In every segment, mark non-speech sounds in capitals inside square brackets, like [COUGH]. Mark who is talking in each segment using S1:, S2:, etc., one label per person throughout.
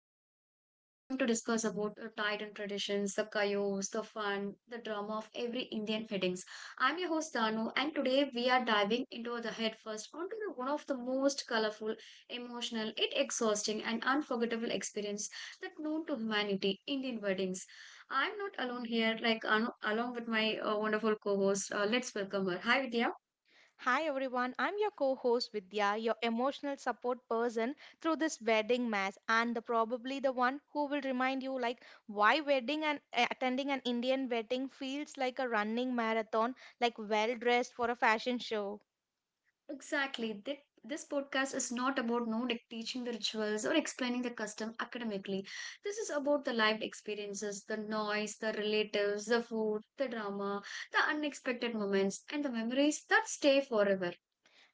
S1: And Today we're going to discuss about the tide and traditions, the chaos, the fun, the drama of every Indian weddings. I'm your host Danu, and today we are diving into the head first onto the, one of the most colorful, emotional, yet exhausting, and unforgettable experience that known to humanity: Indian weddings. I'm not alone here, along with my wonderful co-host. Let's welcome her. Hi, Vidya.
S2: Hi everyone, I'm your co host Vidya, your emotional support person through this wedding mass, and probably the one who will remind you like why wedding and attending an Indian wedding feels like a running marathon, like well dressed for a fashion show.
S1: Exactly. This podcast is not about no like, teaching the rituals or explaining the custom academically. This is about the lived experiences, the noise, the relatives, the food, the drama, the unexpected moments, and the memories that stay forever.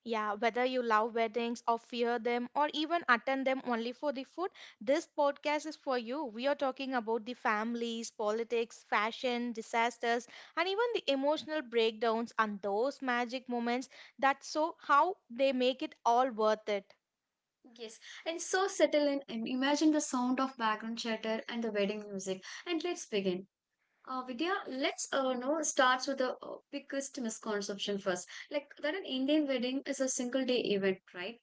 S2: Yeah, whether you love weddings or fear them or even attend them only for the food, this podcast is for you. We are talking about the families, politics, fashion, disasters, and even the emotional breakdowns and those magic moments that show how they make it all worth it.
S1: Yes, and so settle in and imagine the sound of background chatter and the wedding music. And let's begin. Vidya, let's know starts with the biggest misconception first. Like that an Indian wedding is a single day event, right?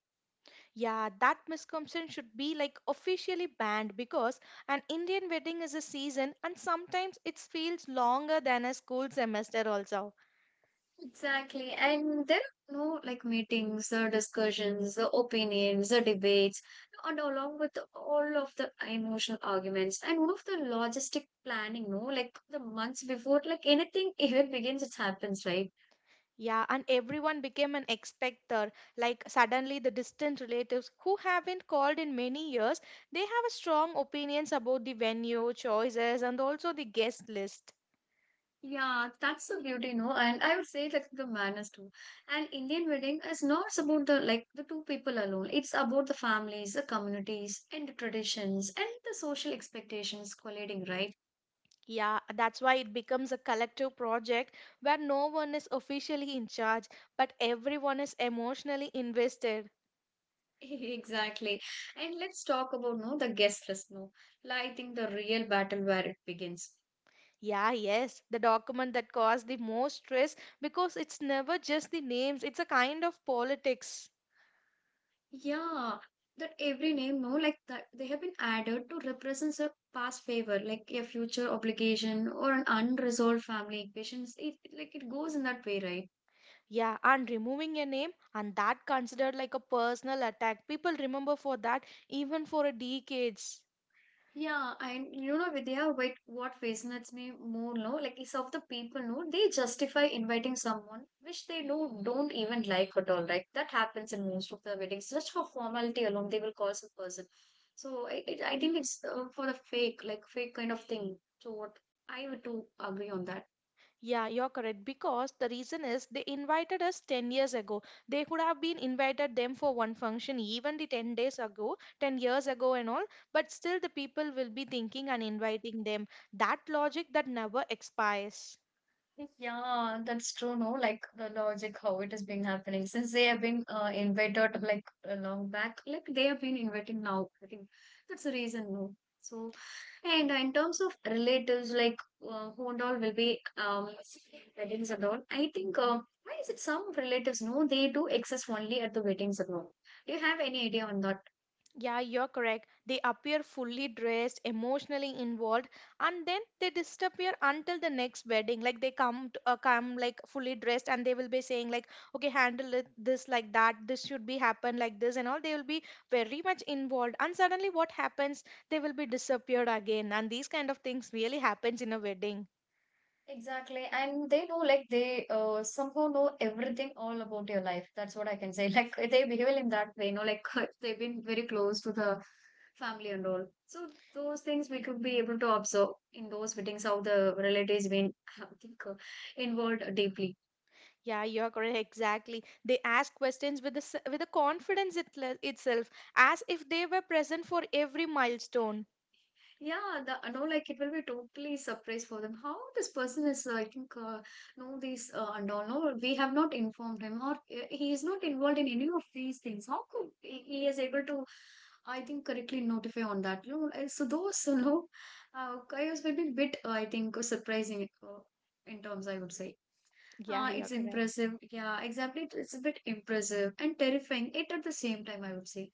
S2: Yeah, that misconception should be like officially banned because an Indian wedding is a season and sometimes it feels longer than a school semester also.
S1: Exactly. And there are no like meetings, discussions, opinions, debates, and along with all of the emotional arguments and all of the logistic planning, no, like the months before, like anything [LAUGHS] even begins, it happens, right?
S2: Yeah, and everyone became an expector. Like suddenly the distant relatives who haven't called in many years, they have a strong opinions about the venue, choices, and also the guest list.
S1: Yeah, that's the beauty, no, and I would say like the manners too. And Indian wedding is not about the two people alone. It's about the families, the communities, and the traditions and the social expectations colliding, right?
S2: Yeah, that's why it becomes a collective project where no one is officially in charge, but everyone is emotionally invested.
S1: [LAUGHS] Exactly. And let's talk about no the guest list no. Like, I think the real battle where it begins.
S2: Yeah, yes, the document that caused the most stress because it's never just the names, it's a kind of politics.
S1: Yeah, that every name no like that they have been added to represents a past favor, like a future obligation or an unresolved family equations. Like it goes in that way, right?
S2: Yeah, and removing your name and that considered like a personal attack. People remember for that even for a decades.
S1: Yeah, and you know, Vidya, what fascinates me more, no, like is of the people, no, they justify inviting someone which they know don't even like at all, right? That happens in most of the weddings. Just for formality alone, they will call some person. So I think it's for the fake, like fake kind of thing. So what I would do agree on that.
S2: Yeah, you're correct because the reason is they invited us 10 years ago. They could have been invited them for one function even the 10 days ago, 10 years ago and all, but still the people will be thinking and inviting them. That logic that never expires.
S1: Yeah, that's true, no? Like the logic how it is being happening since they have been invited like long back, like they have been inviting now. I think that's the reason, no? So, and in terms of relatives, like who and all will be weddings and all, I think why is it some relatives, no, they do exist only at the weddings and all. Do you have any idea on that?
S2: Yeah, you're correct. They appear fully dressed, emotionally involved, and then they disappear until the next wedding. Like they come, come like fully dressed, and they will be saying like, "Okay, handle it this like that. This should be happen like this," and all. They will be very much involved, and suddenly what happens? They will be disappeared again, and these kind of things really happens in a wedding.
S1: Exactly. And they know like they somehow know everything all about your life. That's what I can say. [LAUGHS] Like they behave in that way, you know, like [LAUGHS] they've been very close to the family and all. So those things we could be able to observe in those meetings how the relatives been [LAUGHS] I think, involved deeply.
S2: Yeah, you're correct. Exactly. They ask questions with with the confidence itself, as if they were present for every milestone.
S1: Yeah, the, no, like it will be totally surprise for them. How this person is, I think, know these and all. No, we have not informed him, or he is not involved in any of these things. How could he is able to, I think, correctly notify on that? You know, like, so those, [LAUGHS] you know, chaos will be bit, I think, surprising in terms. I would say.
S2: Yeah,
S1: Ah,
S2: you're
S1: it's
S2: correct.
S1: impressive. Yeah, exactly. It's a bit impressive and terrifying it at the same time, I would say.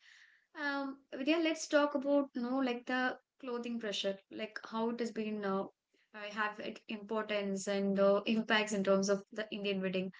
S1: Vidya, let's talk about, you know, like the clothing pressure, like how it has been I have it importance and impacts in terms of the Indian wedding.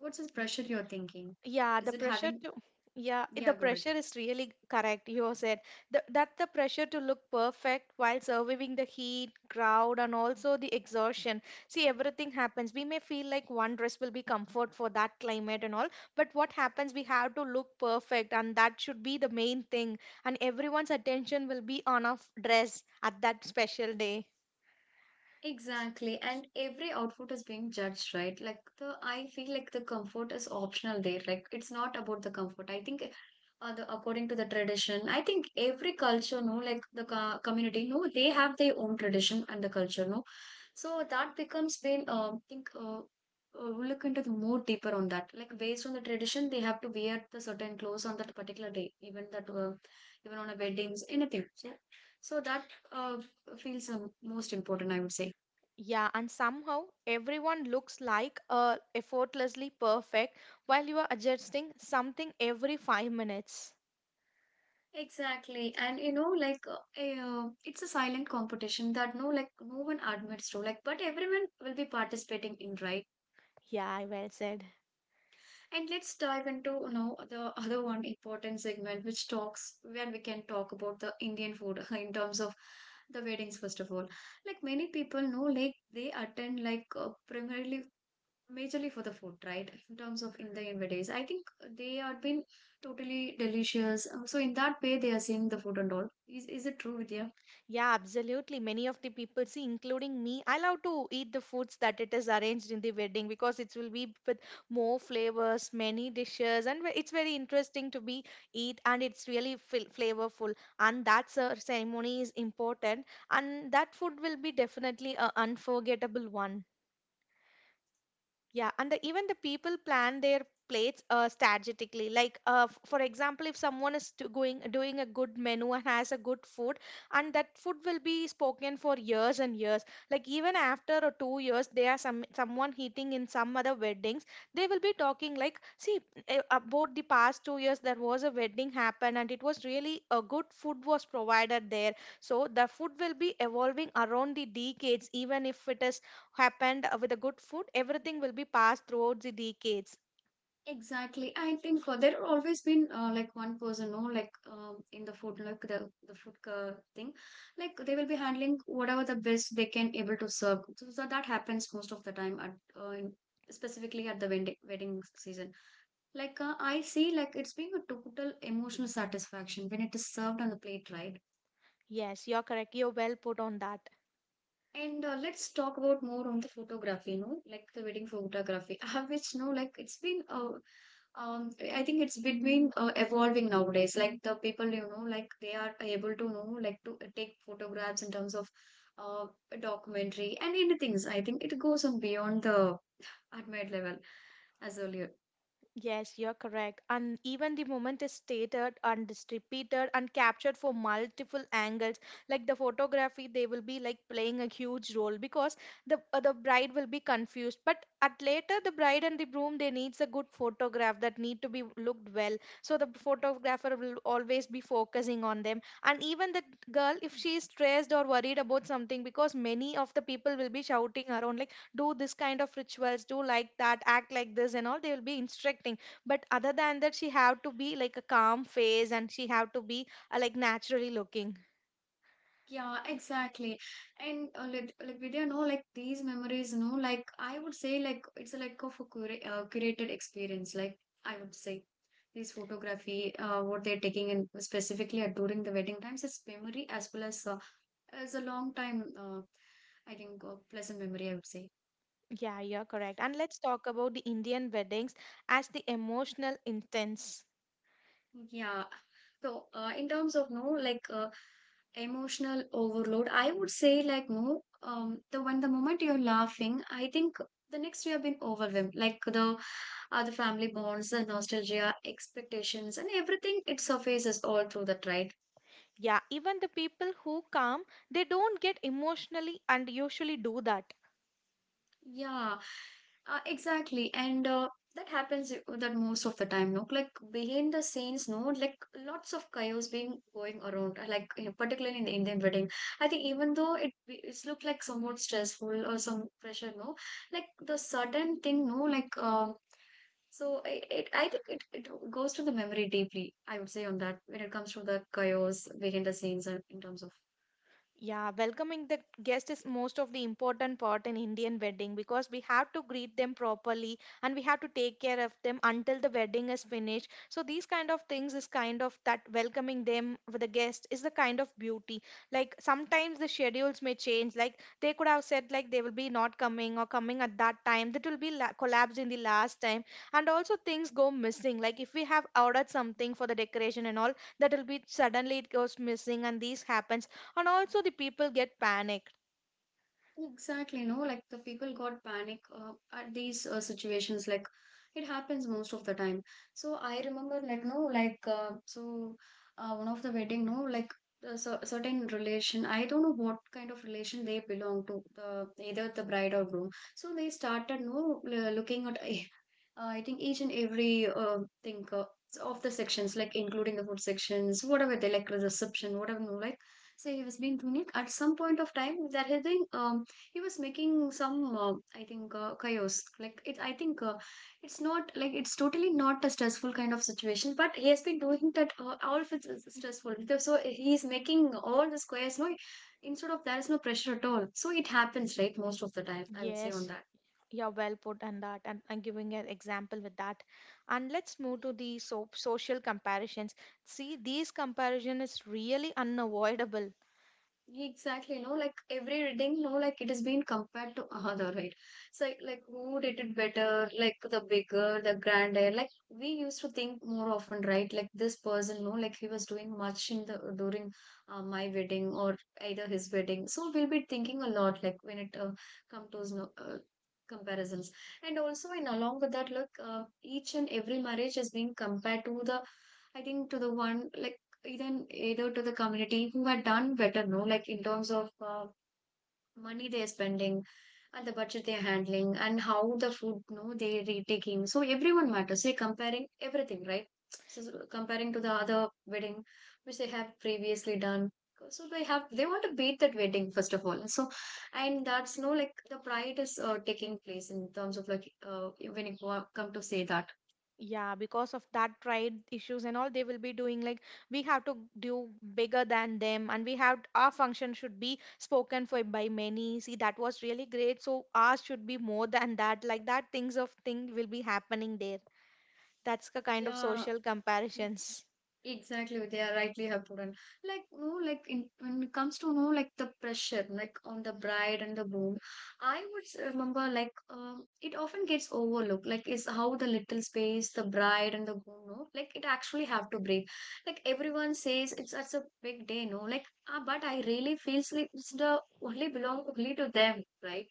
S1: What's the pressure you're thinking?
S2: Yeah,
S1: Is
S2: the
S1: it
S2: pressure
S1: having?
S2: to the
S1: Yeah, go ahead.
S2: pressure is really correct. You said that the pressure to look perfect while surviving the heat, crowd, and also the exhaustion. See, everything happens. We may feel like one dress will be comfort for that climate and all, but what happens? We have to look perfect, and that should be the main thing. And everyone's attention will be on dress at that special day.
S1: Exactly, and every outfit is being judged, right? Like the I feel like the comfort is optional there. Like it's not about the comfort. I think the, according to the tradition, I think every culture, no, community, no, they have their own tradition and the culture, no. So that becomes been I think we'll look into the more deeper on that. Like based on the tradition, they have to wear the certain clothes on that particular day, even that even on a weddings, anything. Yeah. So that uh, feels most important, I would say.
S2: Yeah, and somehow everyone looks like effortlessly perfect while you are adjusting something every 5 minutes.
S1: Exactly. And you know, it's a silent competition that no like no one admits to like but everyone will be participating in, right?
S2: Yeah, I well said.
S1: And let's dive into you know the [LAUGHS] other one important segment which talks where we can talk about the Indian food [LAUGHS] in terms of the weddings first of all. Like many people know like they attend like primarily majorly for the food, right? In terms of in the weddings. I think they have been totally delicious. So in that way they are seeing the food and all. Is it true, Vidya?
S2: Yeah, absolutely. Many of the people, see, including me, I love to eat the foods that it is arranged in the wedding because it will be with more flavors, many dishes, and it's very interesting to be eat, and it's really flavorful. And that ceremony is important, and that food will be definitely a unforgettable one. Even the people plan their plates strategically. Like, for example, if someone is to going doing a good menu and has a good food, and that food will be spoken for years and years. Like even after 2 years, they are someone eating in some other weddings. They will be talking like, see, about the past 2 years, there was a wedding happened, and it was really a good food was provided there. So the food will be evolving around the decades, even if it is happened with a good food, everything will be passed throughout the decades.
S1: Exactly. I think there are always been like one person, no, like in the food, like the food thing, like they will be handling whatever the best they can able to serve. So, that happens most of the time at in, specifically at the wedding season. Like I see, like it's being a total emotional satisfaction when it is served on the plate, right?
S2: Yes, you're correct. You're well put on that.
S1: And let's talk about more on the photography, no? Like the wedding photography, [LAUGHS] which no, like it's been I think it's between evolving nowadays. Like the people, you know, like they are able to know, like to take photographs in terms of uh, documentary and anything. I think it goes on beyond the admired level as earlier.
S2: Yes, you're correct. And even the moment is stated and is repeated and captured for multiple angles. Like the photography, they will be like playing a huge role because the bride will be confused. But at later, the bride and the groom they needs a good photograph that need to be looked well. So the photographer will always be focusing on them. And even the girl, if she is stressed or worried about something, because many of the people will be shouting around like do this kind of rituals, do like that, act like this and all, they will be instructing, but other than that she have to be like a calm face and she have to be like naturally looking.
S1: Yeah, exactly. And like Vidya, no, like these memories, no, like I would say, like it's a, like of a curated experience. Like I would say, these photography, what they're taking in specifically at during the wedding times, it's memory as well as a long time. I think pleasant memory. I would say.
S2: Yeah, you're correct, and let's talk about the Indian weddings as the emotional intense.
S1: Yeah. So, in terms of no, like emotional overload, I would say like no. The when the moment you're laughing, I think the next you have been overwhelmed. Like the the family bonds, the nostalgia, expectations, and everything it surfaces all through that, right?
S2: Yeah, even the people who come, they don't get emotionally and usually do that.
S1: Yeah, exactly. And that happens that most of the time, no? Like behind the scenes, no? Like lots of chaos being going around, like you know, particularly in the Indian wedding. I think even though it's looked like somewhat stressful or some pressure, no? Like the sudden thing, no? Like so it, I think it goes to the memory deeply, I would say on that when it comes to the chaos behind the scenes and in terms of
S2: Yeah, welcoming the guest is most of the important part in Indian wedding because we have to greet them properly and we have to take care of them until the wedding is finished. So these kind of things is kind of that welcoming them with a guest is the kind of beauty. Like sometimes the schedules may change. Like they could have said like they will be not coming or coming at that time. That will be collapsed in the last time. And also things go missing. Like if we have ordered something for the decoration and all, that will be suddenly it goes missing and these happens and also the people get panicked.
S1: Exactly, no, like the people got panic at these situations. Like it happens most of the time. So I remember, like no, like so one of the wedding, no, like certain relation. I don't know what kind of relation they belong to, the either the bride or groom. So they started no l- looking at I think each and every thing of the sections, like including the food sections, whatever they like the reception, whatever no like. So he was being doing it. At some point of time, there had been he was making some I think chaos like it I think it's not like it's totally not a stressful kind of situation but he has been doing that all of it is stressful, so he's making all the squares no, instead of there is no pressure at all, so it happens right most of the time I would say on
S2: Yes,
S1: that.
S2: you're well put on that, and I'm giving an example with that. And let's move to the social comparisons. See, these comparison is really unavoidable.
S1: Exactly, no, like every reading, no, like it is being compared to another, right? So, who did it better? Like, the bigger, the grander. Like, we used to think more often, right? Like, this person, no, like he was doing much in the during my wedding or either his wedding. So, we'll be thinking a lot, like, when it comes to no, comparisons. And also, and along with that, look, each and every marriage is being compared to the I think to the one like even either to the community who had done better, no, like in terms of money they're spending and the budget they're handling and how the food, no, they're retaking. So everyone matters. They're comparing everything, right? So comparing to the other wedding which they have previously done. So they want to beat that wedding first of all. And that's, no, like the pride is taking place in terms of like when you come to say that.
S2: Yeah, because of that pride issues and all, they will be doing like we have to do bigger than them, and we have our function should be spoken for by many. See, that was really great, so ours should be more than that. Like that, things of thing will be happening there. That's the kind of
S1: Yeah.
S2: social comparisons.
S1: Exactly, they are rightly have put on. Like, no, like in, when it comes to, no, like the pressure, like on the bride and the groom, remember like it often gets overlooked. Like, is how the little space the bride and the groom know, like it actually have to breathe. Like everyone says, it's such a big day, no, like but I really feels like it's the only belong only to them, right?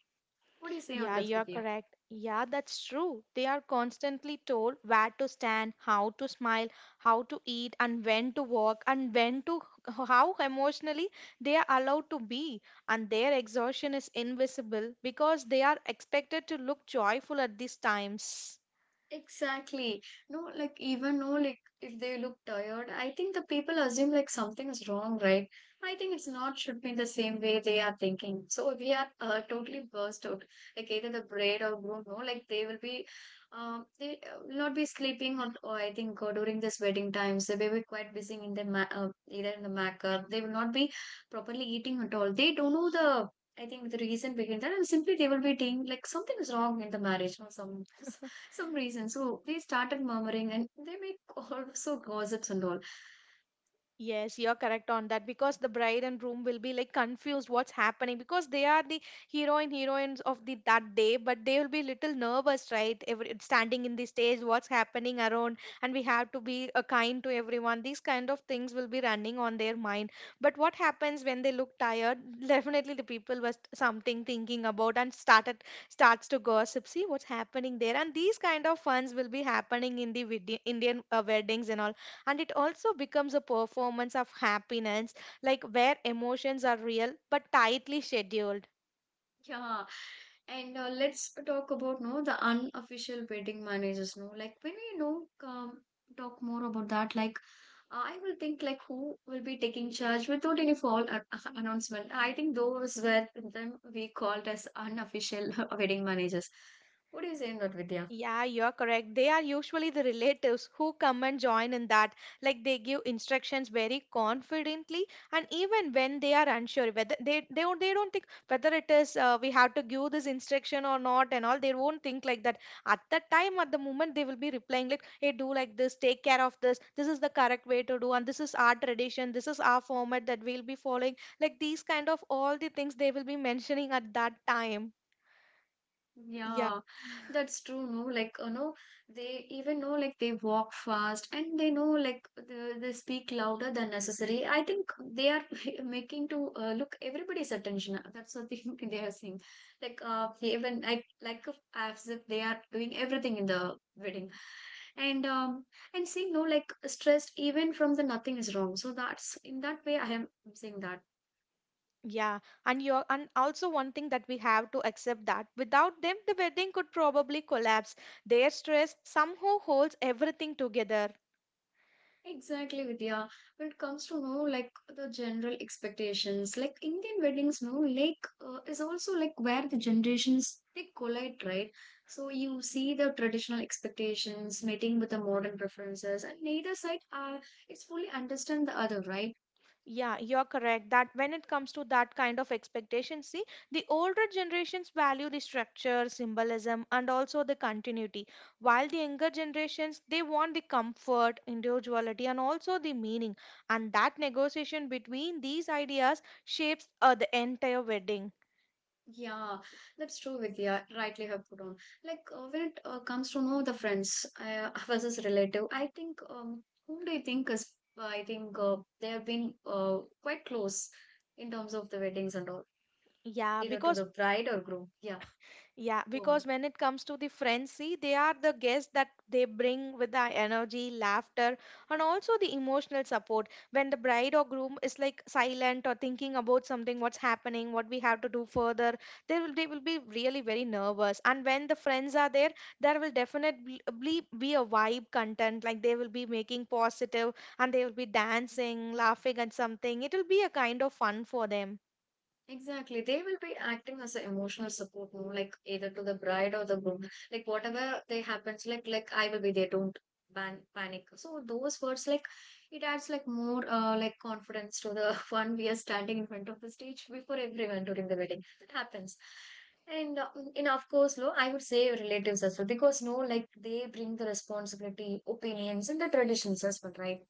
S1: What do you say on
S2: Yeah,
S1: that,
S2: you're
S1: Vidya?
S2: correct. Yeah, that's true. They are constantly told where to stand, how to smile, how to eat, and when to walk, and when to how emotionally they are allowed to be. And their exhaustion is invisible because they are expected to look joyful at these times.
S1: Exactly. No, like even, no, like if they look tired, I think the people assume like something is wrong, right? I think it's not should be the same way they are thinking. So we are totally burst out. Like either the braid or groom, no, like they will be, they will not be sleeping or I think during this wedding times they will be quite busy in the either in the makeup. They will not be properly eating at all. They don't know the. I think the reason behind that, and simply they will be thinking like something is wrong in the marriage or some [LAUGHS] some reason. So they started murmuring and they make also [LAUGHS] gossips and all.
S2: Yes, you're correct on that because the bride and groom will be like confused what's happening because they are the hero and heroines of the that day, but they will be little nervous, right? Every, standing in the stage, what's happening around, and we have to be kind to everyone. These kind of things will be running on their mind. But what happens when they look tired? [LAUGHS] Definitely, the people was something thinking about and started starts to gossip. See what's happening there, and these kind of funs will be happening in the Indian weddings and all, and it also becomes a performance of happiness like where emotions are real but tightly scheduled.
S1: Yeah. And let's talk about, no, the unofficial wedding managers. No, like when we know talk more about that, like I will think like who will be taking charge without any formal [LAUGHS] announcement. I think those were them we called as unofficial [LAUGHS] wedding managers. What do you say in that, Vidya?
S2: Yeah, you're correct. They are usually the relatives who come and join in that. Like they give instructions very confidently, and even when they are unsure whether they don't think whether it is we have to give this instruction or not and all. They won't think like that. At that time, at the moment, they will be replying like, "Hey, do like this. Take care of this. This is the correct way to do, and this is our tradition. This is our format that we'll be following." Like these kind of all the things they will be mentioning at that time.
S1: Yeah, that's true. No, like you know, they even know like they walk fast and they know like they speak louder than necessary. I think they are [LAUGHS] making to look everybody's attention. [LAUGHS] That's the thing [LAUGHS] they are saying. Like even like if- as if they are doing everything in the wedding, and and see, no, like stressed even from the nothing is wrong. So that's in that way I am saying that.
S2: Yeah, and also one thing that we have to accept that without them the wedding could probably collapse. Their stress somehow holds everything together.
S1: Exactly, Vidya. When it comes to know like the general expectations, like Indian weddings, no, like is also like where the generations they collide, right? So you see the traditional expectations meeting with the modern preferences, and neither side it's fully understand the other, right?
S2: Yeah, you're correct that when it comes to that kind of expectation, see, the older generations value the structure, symbolism, and also the continuity, while the younger generations they want the comfort, individuality, and also the meaning. And that negotiation between these ideas shapes the entire wedding.
S1: Yeah, that's true, Vidya. Rightly have put on. Like when it comes to know the friends versus relative, I think whom do you think is? I think they have been quite close in terms of the weddings and all,
S2: Yeah,
S1: either to
S2: because
S1: the bride or groom. Yeah,
S2: Yeah,
S1: go on.
S2: because when it comes to the frenzy, they are the guests that they bring with the energy, laughter, and also the emotional support. When the bride or groom is like silent or thinking about something, what's happening, what we have to do further, they will be really very nervous. And when the friends are there, there will definitely be a vibe content. Like they will be making positive, and they will be dancing, laughing at something. It will be a kind of fun for them.
S1: Exactly. They will be acting as an emotional support, no? Like either to the bride or the groom. Like whatever they happens, like I will be there, don't ban panic. So those words like it adds like more like confidence to the [LAUGHS] one we are standing in front of the stage before everyone during the wedding. That happens. And in of course, no, I would say relatives as well because, no, like they bring the responsibility, opinions, and the traditions as well, right?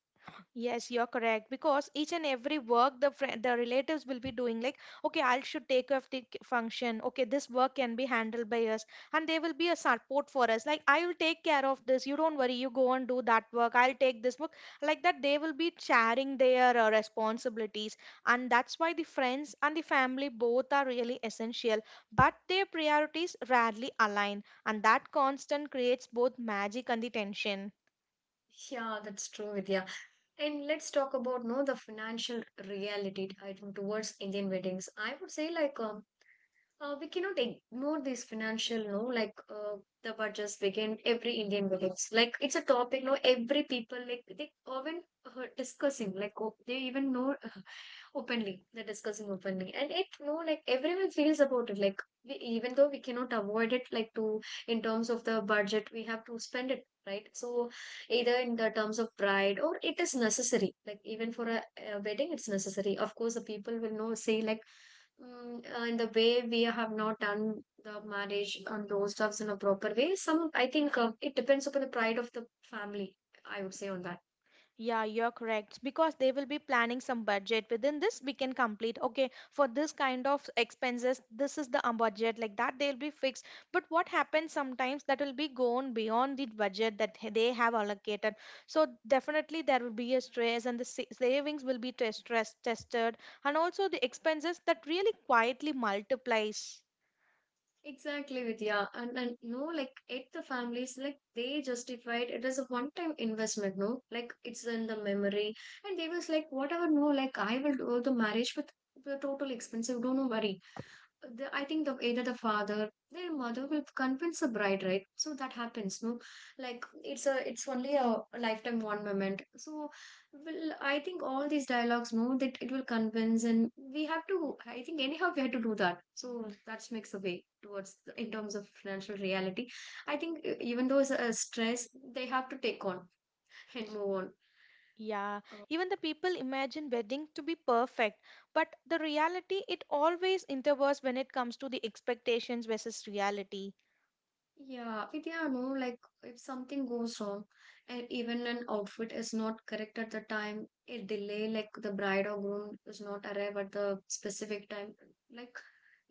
S2: Yes, you're correct because each and every work the friend, the relatives will be doing like, okay, I should take off the function. Okay, this work can be handled by us, and they will be a support for us. Like, I will take care of this. You don't worry. You go and do that work. I'll take this work. Like that, they will be sharing their responsibilities, and that's why the friends and the family both are really essential. But their priorities rarely align, and that constant creates both magic and the tension.
S1: Yeah, that's true, Vidya. And let's talk about, no, the financial reality. I think towards Indian weddings, I would say like we cannot ignore this financial, no, like the budgets begin every Indian weddings. Like it's a topic, no, every people like they often discussing like, oh, they even know openly they're discussing openly and it, no, like everyone feels about it like we, even though we cannot avoid it like to in terms of the budget we have to spend it, right? So either in the terms of pride or it is necessary, like even for a wedding it's necessary. Of course the people will know say like in the way we have not done the marriage and those stuffs in a proper way some, I think it depends upon the pride of the family, I would say on that.
S2: Yeah, you're correct. Because they will be planning some budget. Within this, we can complete. Okay, for this kind of expenses, this is the budget. Like that, they'll be fixed. But what happens sometimes that will be gone beyond the budget that they have allocated. So definitely there will be a stress, and the savings will be test stress tested, and also the expenses that really quietly multiplies.
S1: Exactly, Vidya. And, no, like at the families, like they justified it as a one-time investment, no? Like it's in the memory. And they was like, whatever, no, like I will do the marriage with the total expensive, don't worry the, I think the either the father their mother will convince the bride, right? So that happens, no? Like it's a it's only a lifetime one moment. So will I think all these dialogues no that it will convince and we have to I think anyhow we have to do that. So that makes a way towards the, in terms of financial reality. I think even though it's a stress, they have to take on and move on.
S2: Yeah,
S1: Uh,
S2: even the people imagine wedding to be perfect, but the reality it always intervenes when it comes to the expectations versus reality.
S1: Yeah, Vidya, no, like if something goes wrong and even an outfit is not correct at the time, a delay, like the bride or groom does not arrive at the specific time, like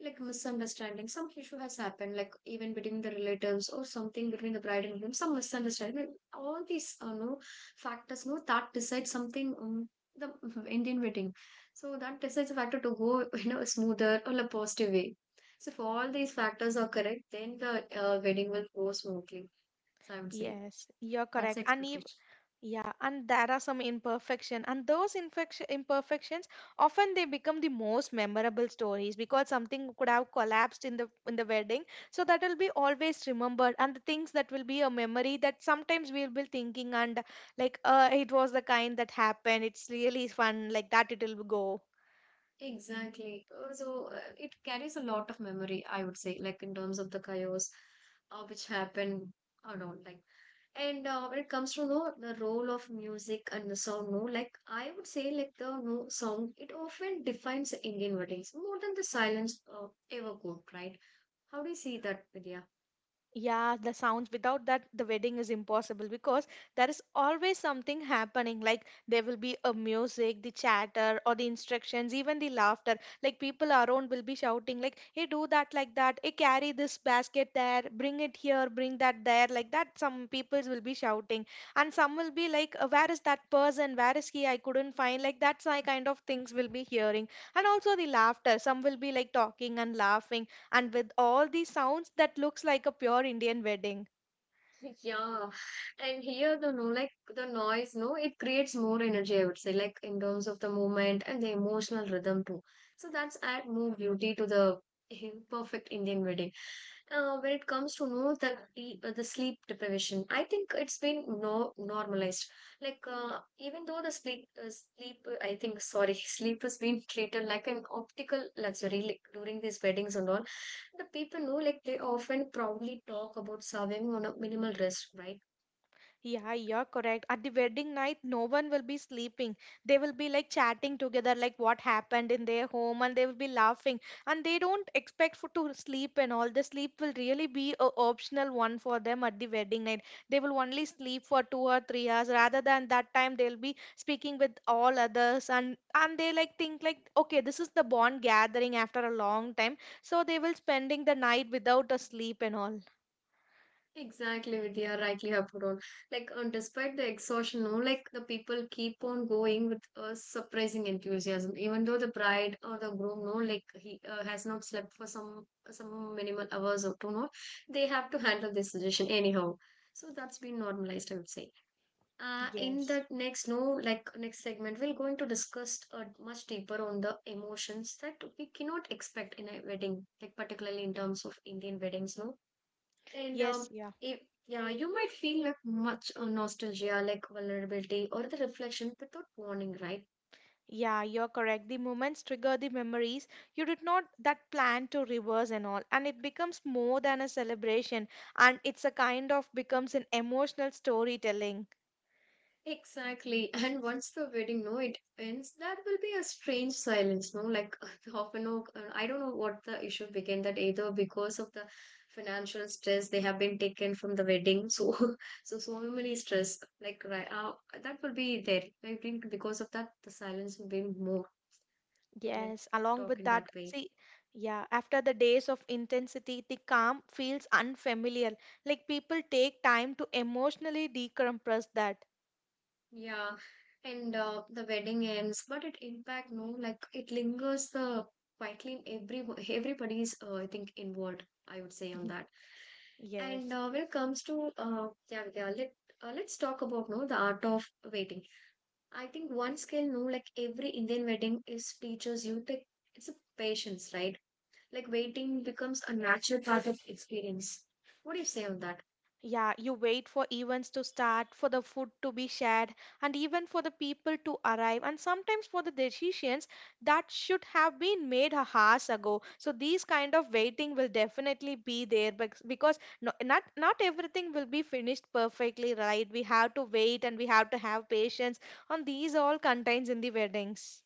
S1: like misunderstanding, some issue has happened, like even between the relatives or something between the bride and groom, some misunderstanding. All these, no, factors, no, that decides something. The [LAUGHS] Indian wedding, so that decides the factor to go, [LAUGHS] you know, smoother or a positive way. So if all these factors are correct, then the wedding will go smoothly. So I would say
S2: Yes, you're
S1: that's the
S2: correct.
S1: expectation.
S2: Yeah, and there are some imperfection, and those imperfections often they become the most memorable stories because something could have collapsed in the wedding, so that will be always remembered, and the things that will be a memory that sometimes we'll be thinking and like, it was the kind that happened. It's really fun like that. It will go.
S1: Exactly. So it carries a lot of memory, I would say, like in terms of the chaos which happened or not, like. And when it comes to the role of music and the sound, no, like I would say, like the no sound, it often defines Indian weddings more than the silence ever could, right? How do you see that, Vidya?
S2: Yeah, the sounds. Without that, the wedding is impossible because there is always something happening. Like there will be a music, the chatter, or the instructions, even the laughter. Like people around will be shouting, like, "Hey, do that like that. Hey, carry this basket there. Bring it here. Bring that there." Like that, some people will be shouting, and some will be like, "Where is that person? Where is he? I couldn't find." Like that's my kind of things will be hearing, and also the laughter. Some will be like talking and laughing and with all these sounds that looks like a pure Indian wedding.
S1: Yeah, and here the no like the noise, no, it creates more energy, I would say, like in terms of the movement and the emotional rhythm too. So that's add more beauty to the [LAUGHS] perfect Indian wedding. When it comes to know the the sleep deprivation, I think it's been no normalized. Like even though the sleep sleep I think sorry [LAUGHS] sleep has been treated like an optical luxury like, during these weddings and all the people know, like, they often proudly talk about surviving on a minimal risk, right?
S2: Yeah, you're correct. At the wedding night, no one will be sleeping. They will be like chatting together, like what happened in their home, and they will be laughing. And they don't expect for to sleep and all. The sleep will really be a optional one for them at the wedding night. They will only sleep for 2 or 3 hours. Rather than that time, they'll be speaking with all others, and they like think like, okay, this is the bond gathering after a long time. So they will spending the night without a sleep and all.
S1: Exactly, Vidya, rightly have put on. Like, and despite the exhaustion, no, like, the people keep on going with a surprising enthusiasm, even though the bride or the groom, no, like, he has not slept for some minimal hours or two, no, they have to handle this situation anyhow. So that's been normalized, I would say. In
S2: Yes.
S1: the next no like next segment we're going to discuss much deeper on the emotions that we cannot expect in a wedding like particularly in terms of Indian weddings, no, and
S2: Yes, yeah.
S1: if yeah you might feel like much nostalgia like vulnerability or the reflection without warning, right?
S2: Yeah, you're correct. The moments trigger the memories. You did not that plan to reverse and all. And it becomes more than a celebration. And it's a kind of becomes an emotional storytelling.
S1: Exactly. [LAUGHS] And once the wedding, no, it ends, that will be a strange silence, no? Like [LAUGHS] often no, I don't know what the issue became that either because of the financial stress they have been taken from the wedding. So, [LAUGHS] so many stress, like, right, that will be there. I think because of that, the silence will be more when I
S2: Yes, along
S1: talk
S2: with
S1: in
S2: that,
S1: that way.
S2: see, yeah, after the days of intensity, the calm feels unfamiliar. Like people take time to emotionally decompress that.
S1: Yeah, and the wedding ends, but it impact, no, like it lingers the quietly in everybody's I think inward. I would say on
S2: [LAUGHS]
S1: that. And
S2: Yes.
S1: when it comes to let's talk about, no, the art of waiting. I think one skill, no, like every Indian wedding is teaches you to it's a patience, right? Like waiting becomes a natural part of experience. What do you say on that?
S2: Yeah, you wait for events to start, for the food to be shared, and even for the people to arrive, and sometimes for the decisions that should have been made a hours ago. So these kind of waiting will definitely be there because no, not everything will be finished perfectly, right? We have to wait and we have to have patience, and these all contains in the weddings.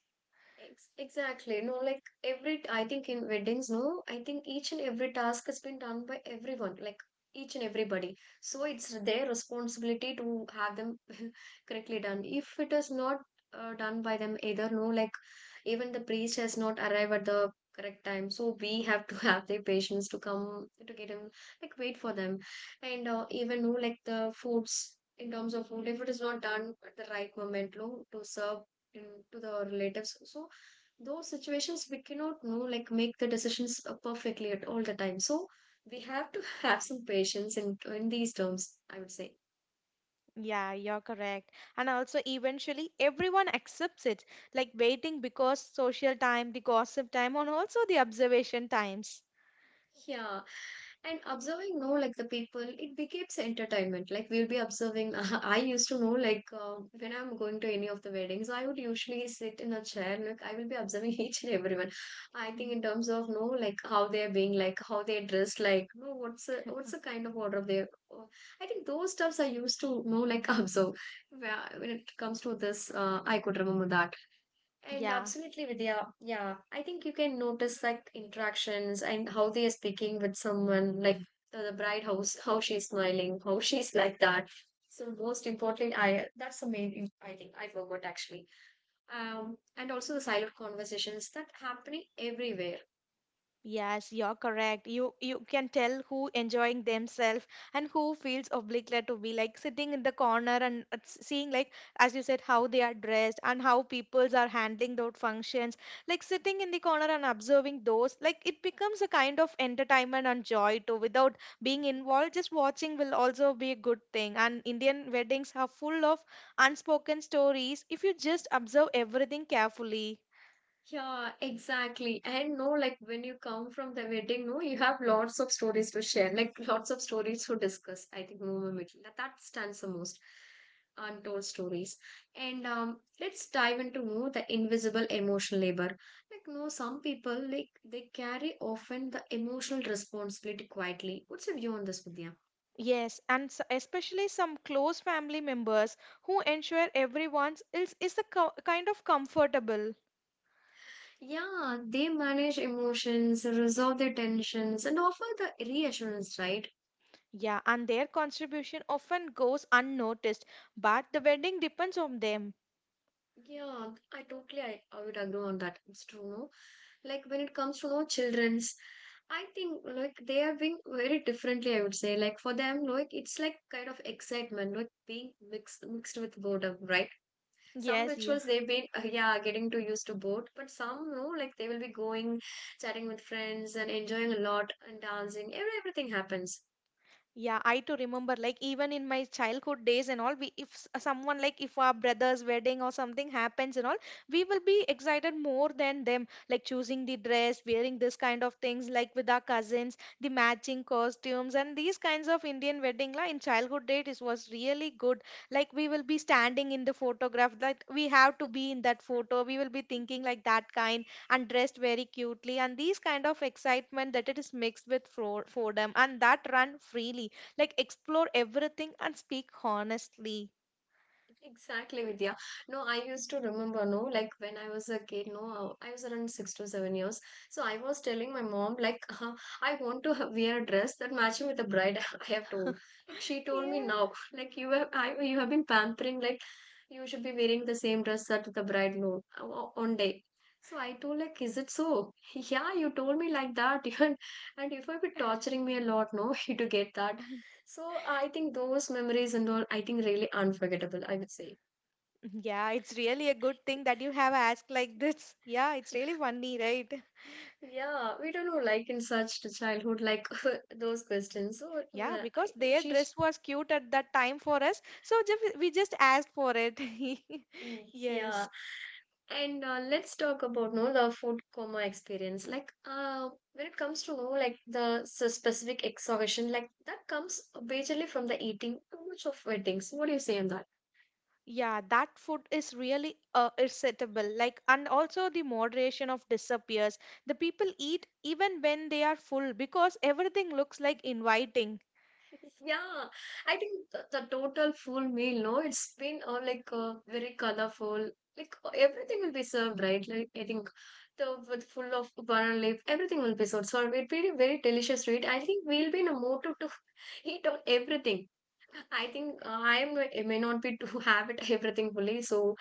S1: Ex exactly. No, like every, I think in weddings, no, I think each and every task has been done by everyone, like each and everybody. So it's their responsibility to have them [LAUGHS] correctly done. If it is not done by them either, no, like even the priest has not arrived at the correct time. So we have to [LAUGHS] have the patience to come to get him, like wait for them. And even, no, like the foods, in terms of food, if it is not done at the right moment, no, to serve in to the relatives. So those situations we cannot know like make the decisions perfectly at all the time, so we have to [LAUGHS] have some patience in these terms, I would say.
S2: Yeah, you're correct. And also, eventually, everyone accepts it, like waiting because social time, the gossip time, and also the observation times.
S1: Yeah, and observing, no, like the people, it becomes entertainment. Like we'll be observing. [LAUGHS] I used to know, like when I'm going to any of the weddings, I would usually sit in a chair and like I will be observing [LAUGHS] each and everyone. I think
S2: Mm.
S1: in terms of no, like how they are being, like how they are dressed, like no, what's the kind of order they. I think those stuffs I used to know, like [LAUGHS] observe. Where- When it comes to this, I could remember that. And
S2: Yeah.
S1: absolutely, Vidya. Yeah, I think you can notice like interactions and how they are speaking with someone, like the bride, how she's smiling, how she's like that. So most importantly, I that's the main. I think I forgot actually. And also the silent conversations that happening everywhere.
S2: Yes, you're correct. You can tell who enjoying themselves and who feels obliged to be like sitting in the corner and seeing like, as you said, how they are dressed and how peoples are handling those functions. Like sitting in the corner and observing those, like it becomes a kind of entertainment and joy too. Without being involved, just watching will also be a good thing. And Indian weddings are full of unspoken stories if you just observe everything carefully.
S1: Yeah, exactly. And no, like when you come from the wedding, no, you have lots of stories to share, like lots of stories to discuss. I think no, no, no, that stands the most untold stories. And let's dive into more the invisible emotional labor. Like, no, some people like they carry often the emotional responsibility quietly. What's your view on this, Vidya?
S2: Yes, and especially some close family members who ensure everyone is a kind of comfortable.
S1: Yeah, they manage emotions, resolve their tensions, and offer the reassurance, right?
S2: Yeah, and their contribution often goes unnoticed, but the wedding depends on them.
S1: Yeah, I would agree on that. It's true, no? Like when it comes to our children's, I think like they have been very differently, I would say, like for them, like it's like kind of excitement like being mixed with boredom, right? Some
S2: Yes, yeah.
S1: rituals they've been yeah getting to used to bored, but some no, like they will be going chatting with friends and enjoying a lot and dancing everything happens.
S2: Yeah, I too remember, like even in my childhood days and all, we if someone like if our brother's wedding or something happens and all, we will be excited more than them, like choosing the dress, wearing this kind of things, like with our cousins, the matching costumes and these kinds of Indian wedding la in childhood date it was really good. Like we will be standing in the photograph, that we have to be in that photo, we will be thinking like that kind and dressed very cutely and these kind of excitement that it is mixed with freedom and that run freely, like explore everything and speak honestly.
S1: Exactly, Vidya. No, I used to remember, no, like when I was a kid, no, I was around 6 to 7 years. So I was telling my mom, like, [LAUGHS] I want to [LAUGHS] wear a dress that matching with the bride [LAUGHS] I have told. Like she
S2: [LAUGHS]
S1: told me
S2: Yeah,
S1: now, like you have been pampering, like you should be wearing the same dress that the bride no on day. So I told like, is it so? [LAUGHS] Yeah, you told me like that, [LAUGHS] and you have been torturing me a lot, no, [LAUGHS] to get that. So I think those memories and all, I think really unforgettable, I would say.
S2: yeah, it's really a good thing that you have asked like this. Yeah, it's really funny, right?
S1: Yeah, we don't know, like in such childhood, like [LAUGHS] those questions. So
S2: Yeah, because their dress was cute at that time for us, so we just asked for it. [LAUGHS]
S1: yeah.
S2: Yes.
S1: And let's talk about no the food coma experience. Like, when it comes to know like the specific exhaustion, like that comes majorly from the eating too much of weddings. What do you say on that?
S2: Yeah, that food is really irritable. Like, and also the moderation of disappears. The people eat even when they are full because everything looks like inviting.
S1: [LAUGHS] Yeah, I think the total full meal, no, it's been very colorful. Like everything will be served, right? Like I think the with full of banana leaf, everything will be served. So it'll be very delicious, right? I think we'll be in a mood to [LAUGHS] eat on everything. I think I may not be to [LAUGHS] have it everything fully. So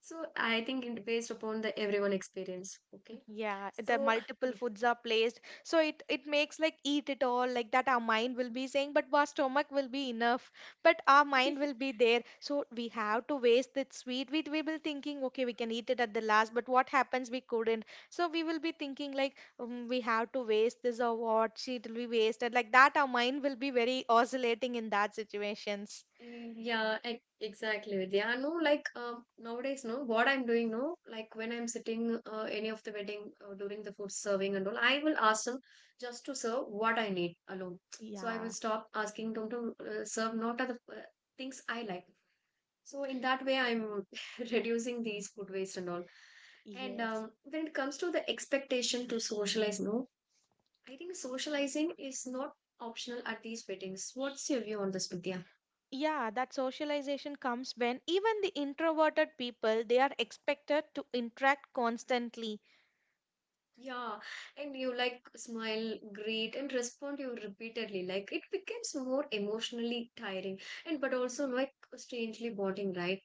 S1: so I think it based upon the everyone experience. Okay,
S2: Yeah, the
S1: so [LAUGHS]
S2: multiple foods are placed, so it makes like eat it all like that. Our mind will be saying, but our stomach will be enough, but our
S1: yeah.
S2: mind will be there. So we
S1: [LAUGHS]
S2: have to waste that sweet. We will thinking, okay, we can eat it at the last, but what happens? We couldn't. So we will be thinking like we have to waste this or what? She it will be wasted like that. Our mind will be very oscillating in that situations.
S1: Yeah, exactly. Vidya. No, like nowadays, no, what I'm doing, no, like when I'm sitting any of the wedding during the food serving and all, I will ask them just to serve what I need alone. So I will
S2: Yeah.
S1: stop asking them to serve not other things I like. So in that way, I'm [LAUGHS] reducing these food waste and all. And
S2: Yes.
S1: when it comes to the expectation to socialize, no, I think socializing is not optional at these weddings. What's your view on this, Vidya?
S2: Yeah, that socialization comes when even the introverted people they are expected to interact constantly.
S1: Yeah, and you like smile, greet, and respond you repeatedly. Like it becomes more emotionally tiring and but also like strangely bonding, right?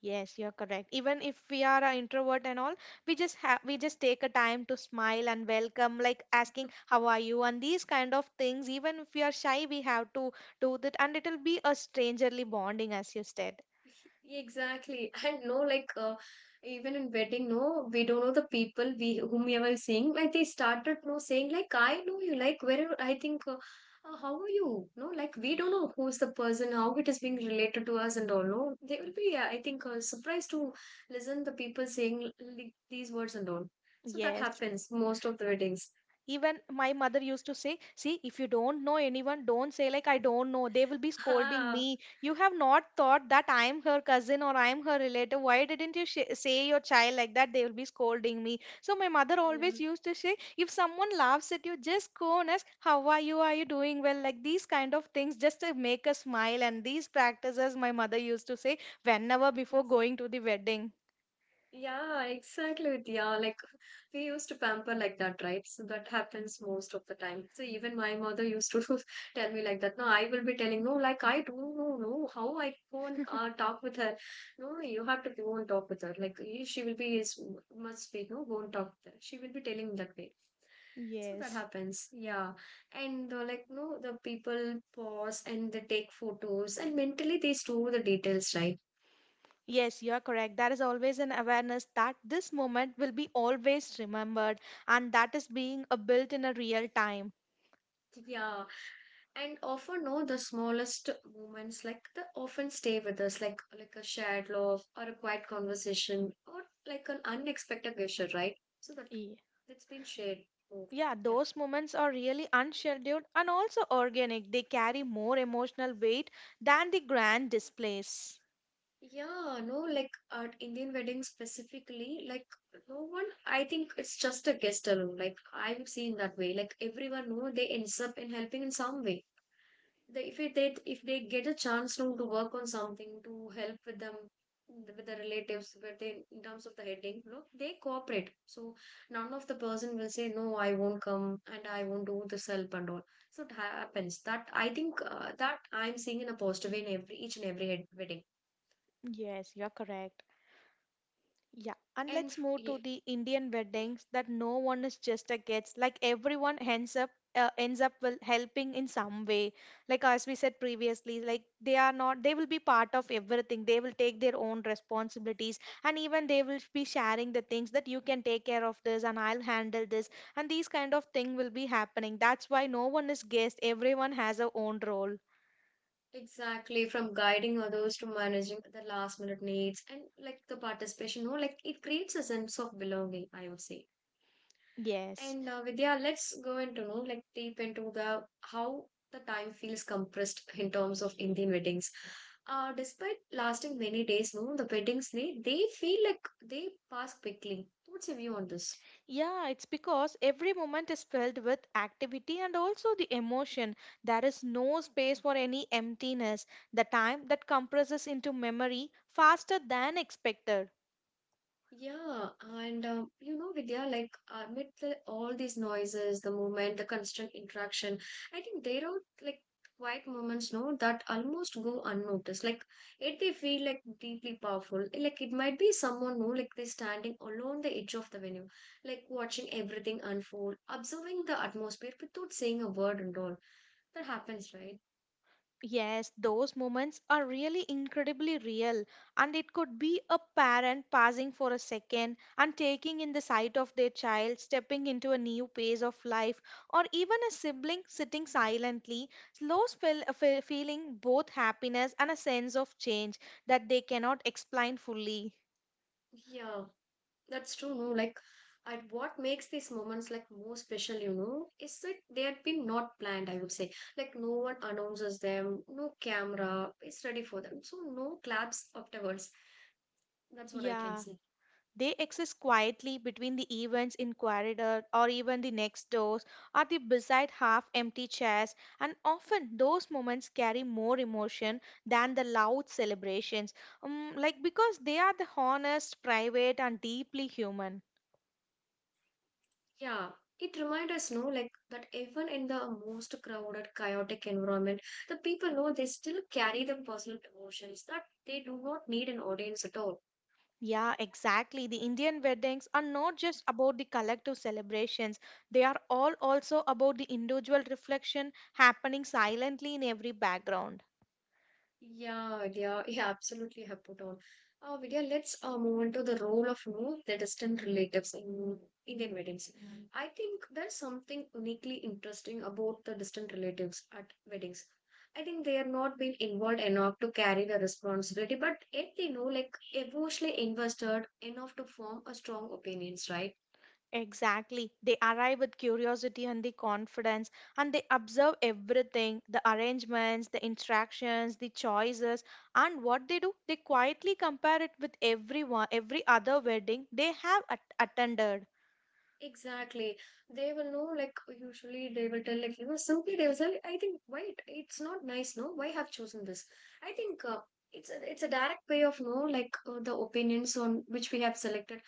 S2: Yes, you're correct. Even if we are an introvert and all, we just take a time to smile and welcome, like asking how are you and these kind of things. Even if we are shy, we have to do that, and it'll be a strangerly bonding, as you said.
S1: [LAUGHS] Exactly. And no, like even in wedding, no, we don't know the people we whom we were seeing. Like they started no saying like I know you. Like where I think, how are you? No, like we don't know who's the person, how it is being related to us, and all. No, they will be. I think surprised to listen the people saying like, these words and all. So that
S2: Yes.
S1: happens most of the weddings.
S2: Even my mother used to say, see, if you don't know anyone, don't say, like, I don't know. They will be
S1: [LAUGHS]
S2: scolding
S1: Ah,
S2: me. You have not thought that I'm her cousin or I'm her relative. Why didn't you say your child like that? They will be scolding me. So, my mother
S1: yeah.
S2: always used to say, if someone laughs at you, just go and ask, how are you? Are you doing well? Like these kind of things just to make us smile. And these practices, my mother used to say, whenever before going to the wedding.
S1: Yeah, exactly, yeah, like we used to pamper like that, right? So that happens most of the time. So even my mother used to [LAUGHS] tell me like that. No, I will be telling, no, like I don't know, no, how I go and talk with her. No, you have to go and talk with her. Like she will be is must be no, go and talk with her. She will be telling that way. So that
S2: Yes.
S1: happens, yeah. And like no, the people pause and they take photos and mentally they store the details, right?
S2: Yes, you are correct. There is always an awareness that this moment will be always remembered, and that is being built in a real time.
S1: Yeah, and often no, the smallest moments like they often stay with us like a shared love or a quiet conversation or like an unexpected gesture, right? So that
S2: Ye-
S1: that's been shared. Oh,
S2: Yeah,
S1: yeah.
S2: those moments are really unscheduled and also organic. They carry more emotional weight than the grand displays.
S1: Yeah, no, like at Indian weddings specifically, like no one, I think it's just a guest alone. Like I've seen that way. Like everyone, no, they ends up in helping in some way. They, if it, they if they get a chance no, to work on something to help with them with the relatives but they in terms of the heading no they cooperate. So none of the person will say no, I won't come and I won't do this help and all. So it happens that I think that I'm seeing in a positive way in every each and every wedding.
S2: Yes, you are correct. Yeah, and let's move to
S1: Yeah,
S2: the Indian
S1: yeah,
S2: weddings that no one is just a guest. Like everyone ends up will helping in some way. Like as we said previously, like they are not they will be part of everything. They will take their own responsibilities and even they will be sharing the things that you can take care of this and I'll handle this and these kind of thing will be happening. That's why no one is guest. Everyone has a own role.
S1: exactly. From guiding others to managing the last minute needs and like the participation, no, like it creates a sense of belonging, I would say.
S2: Yes.
S1: And Vidya, let's go into know like deep into the how the time feels compressed [LAUGHS] in terms of Indian weddings. Despite lasting many days, no, the weddings they feel like they pass quickly. What's your view on this?
S2: Yeah, it's because every moment is filled with activity and also the emotion. There is no space for any emptiness. The time that compresses into memory faster than expected.
S1: Yeah, and you know, Vidya, like amid all these noises, the movement, the constant interaction, I think there are like quiet moments, no, that almost go unnoticed. Like it, they feel like deeply powerful. Like it might be someone, no, like they're standing along the edge of the venue, like watching everything unfold, observing the atmosphere without saying a word and all. That happens, right?
S2: Yes, those moments are really incredibly real, and it could be a parent pausing for a second and taking in the sight of their child stepping into a new phase of life, or even a sibling sitting silently, slow spell, feeling both happiness and a sense of change that they cannot explain fully.
S1: Yeah. That's true, no? Like, and what makes these moments like more special, you know, is that they had been not planned, I would say. Like, no one announces them, no camera is ready for them. So, no claps afterwards. That's what I can
S2: Yeah.
S1: say.
S2: They exist quietly between the events in corridor or even the next doors or the beside half empty chairs, and often those moments carry more emotion than the loud celebrations, like because they are the honest, private and deeply human.
S1: Yeah. It reminds us, no, like that even in the most crowded, chaotic environment, the people know they still carry the personal emotions that they do not need an audience at all.
S2: Yeah, exactly. The Indian weddings are not just about the collective celebrations. They are all also about the individual reflection happening silently in every background.
S1: Yeah, yeah, yeah, absolutely have put on. Vidya, let's move on to the role of you know, the distant relatives in Indian weddings. Mhm. I think there's something uniquely interesting about the distant relatives at weddings. I think they are not being involved enough to carry the responsibility, but yet they know like emotionally invested enough to form a strong opinions, right?
S2: Exactly. They arrive with curiosity and the confidence, and they observe everything the arrangements, the interactions, the choices. And what they do, they quietly compare it with everyone, every other wedding they have attended.
S1: Exactly. They will know, like, usually they will tell, like, you know, simply they will say, I think, wait, it's not nice, no? Why have chosen this? I think it's a direct way of, no, like, the opinions on which we have selected.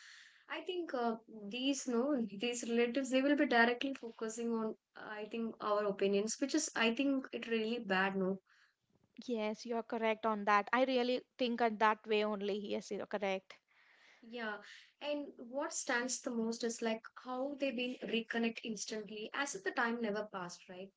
S1: I think these, no, these relatives, they will be directly focusing on, I think, our opinions, which is, I think, it really bad, no?
S2: Yes, you're correct on that. I really think on that way only. Yes, you're correct.
S1: Yeah. And what stands the most is, like, how they will reconnect instantly as if the time never passed, right?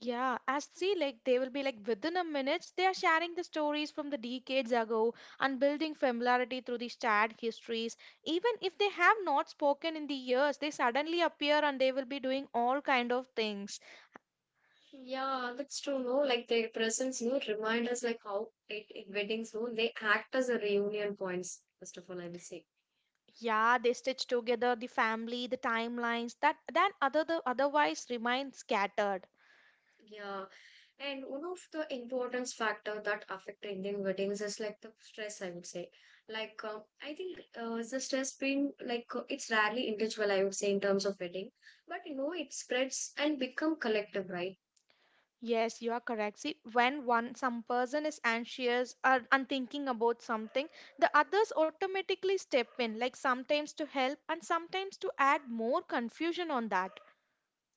S2: Yeah, as see, like they will be like within a minute, they are sharing the stories from the decades ago and building familiarity through these shared histories. Even if they have not spoken in the years, they suddenly appear and they will be doing all kind of things.
S1: Yeah, that's true. No, like their presence, no, remind us like how it in weddings, no, they act as a reunion points. First of all, I will say,
S2: Yeah, they stitch together the family, the timelines that then other the otherwise remain scattered.
S1: yeah. And one of the importance factor that affect Indian weddings is like the stress. I would say, like I think the stress being like it's rarely individual. I would say in terms of wedding, but you know it spreads and become collective, right?
S2: Yes, you are correct. See, when one some person is anxious or unthinking about something, the others automatically step in, like sometimes to help and sometimes to add more confusion on that.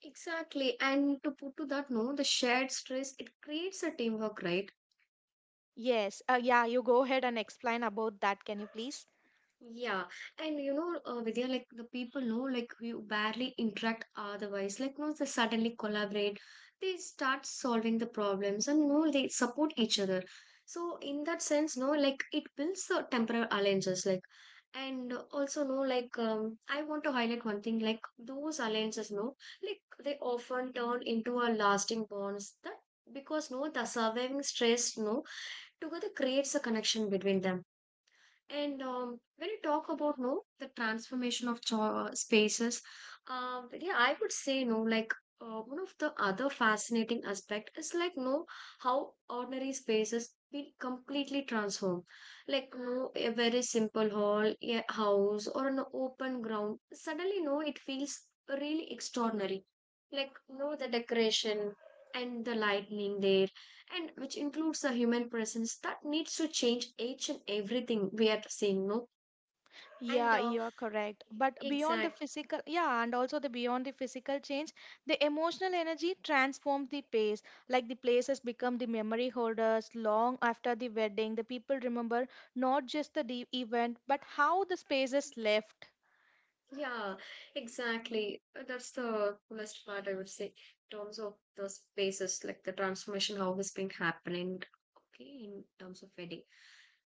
S1: Exactly. And to put to that, no, the shared stress it creates a teamwork, right?
S2: Yes, yeah, you go ahead and explain about that. Can you please?
S1: Yeah, and you know, Vidya, like the people know, like we barely interact otherwise. Like once they suddenly collaborate, they start solving the problems, and no, they support each other. So in that sense, no, like it builds the temporal alliances, like, and also no, I want to highlight one thing, like those alliances, no, like they often turn into a lasting bonds that because no, the surviving stress, no, together creates a connection between them and when you talk about no the transformation of spaces, yeah, I would say no. Like one of the other fascinating aspect is like no how ordinary spaces been completely transformed. Like no a very simple hall, a house, or an open ground. Suddenly, no, it feels really extraordinary. Like no the decoration and the lightning there and which includes the human presence that needs to change each and everything we are seeing no and
S2: Yeah, you're correct. But beyond the
S1: exactly.
S2: physical, yeah, and also the beyond the physical change, the emotional energy transforms the place. Like the places become the memory holders long after the wedding. The people remember not just the event, but how the spaces left.
S1: Yeah, exactly. That's the coolest part, I would say, in terms of the spaces, like the transformation, how it's been happening, okay, in terms of wedding.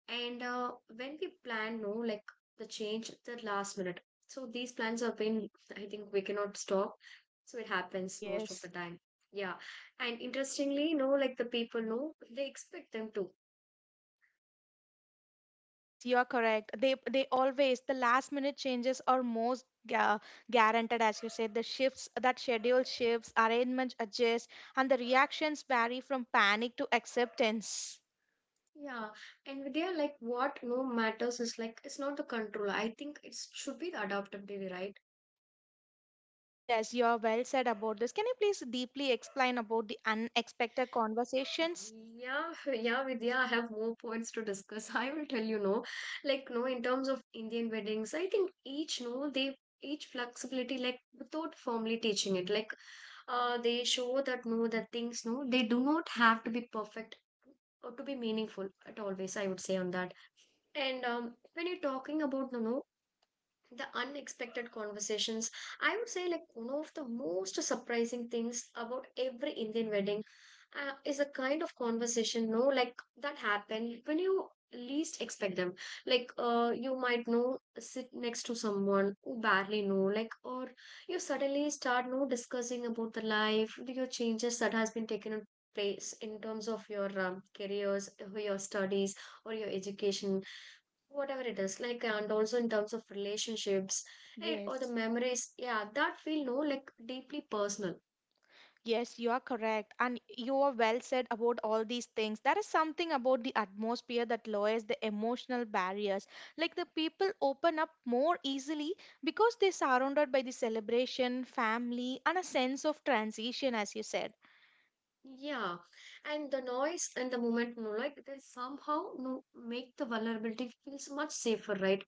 S1: And when we plan, no, like the change at the last minute. So these plans have been, I think we cannot stop. So it happens most of the
S2: Yes.
S1: time. Yeah. And interestingly, no, like the people know, they expect them to.
S2: Yes, you are correct. They always the last minute changes are most guaranteed, as you said. The shifts that schedule shifts, arrangements adjust, and the reactions vary from panic to acceptance.
S1: Yeah, and with their like what no matters is like it's not the control. I think it should be the adaptability, right?
S2: Yes, you are well said about this. Can you please deeply explain about the unexpected conversations?
S1: Yeah, [LAUGHS] yeah, Vidya, I have more points to discuss. [LAUGHS] I will tell you no. Like no, in terms of Indian weddings, I think each no they each flexibility like without formally teaching it. Like they show that no that things no they do not have to be perfect or to be meaningful at always, I would say on that. And when you're talking about no no the unexpected conversations, I would say like one of the most surprising things about every Indian wedding is a kind of conversation no like that happen when you least expect them. Like you might know sit next to someone who barely know, like, or you suddenly start no discussing about the life your changes that has been taken in place in terms of your careers or your studies or your education, whatever it is, like, and also in terms of relationships, right, or the
S2: Yes.
S1: memories, yeah, that feel no like deeply personal.
S2: Yes, you are correct. And you are well said about all these things. There is something about the atmosphere that lowers the emotional barriers. Like the people open up more easily because they're surrounded by the celebration, family, and a sense of transition, as you said.
S1: Yeah, and the noise and the moment no like they somehow no make the vulnerability feels much safer, right?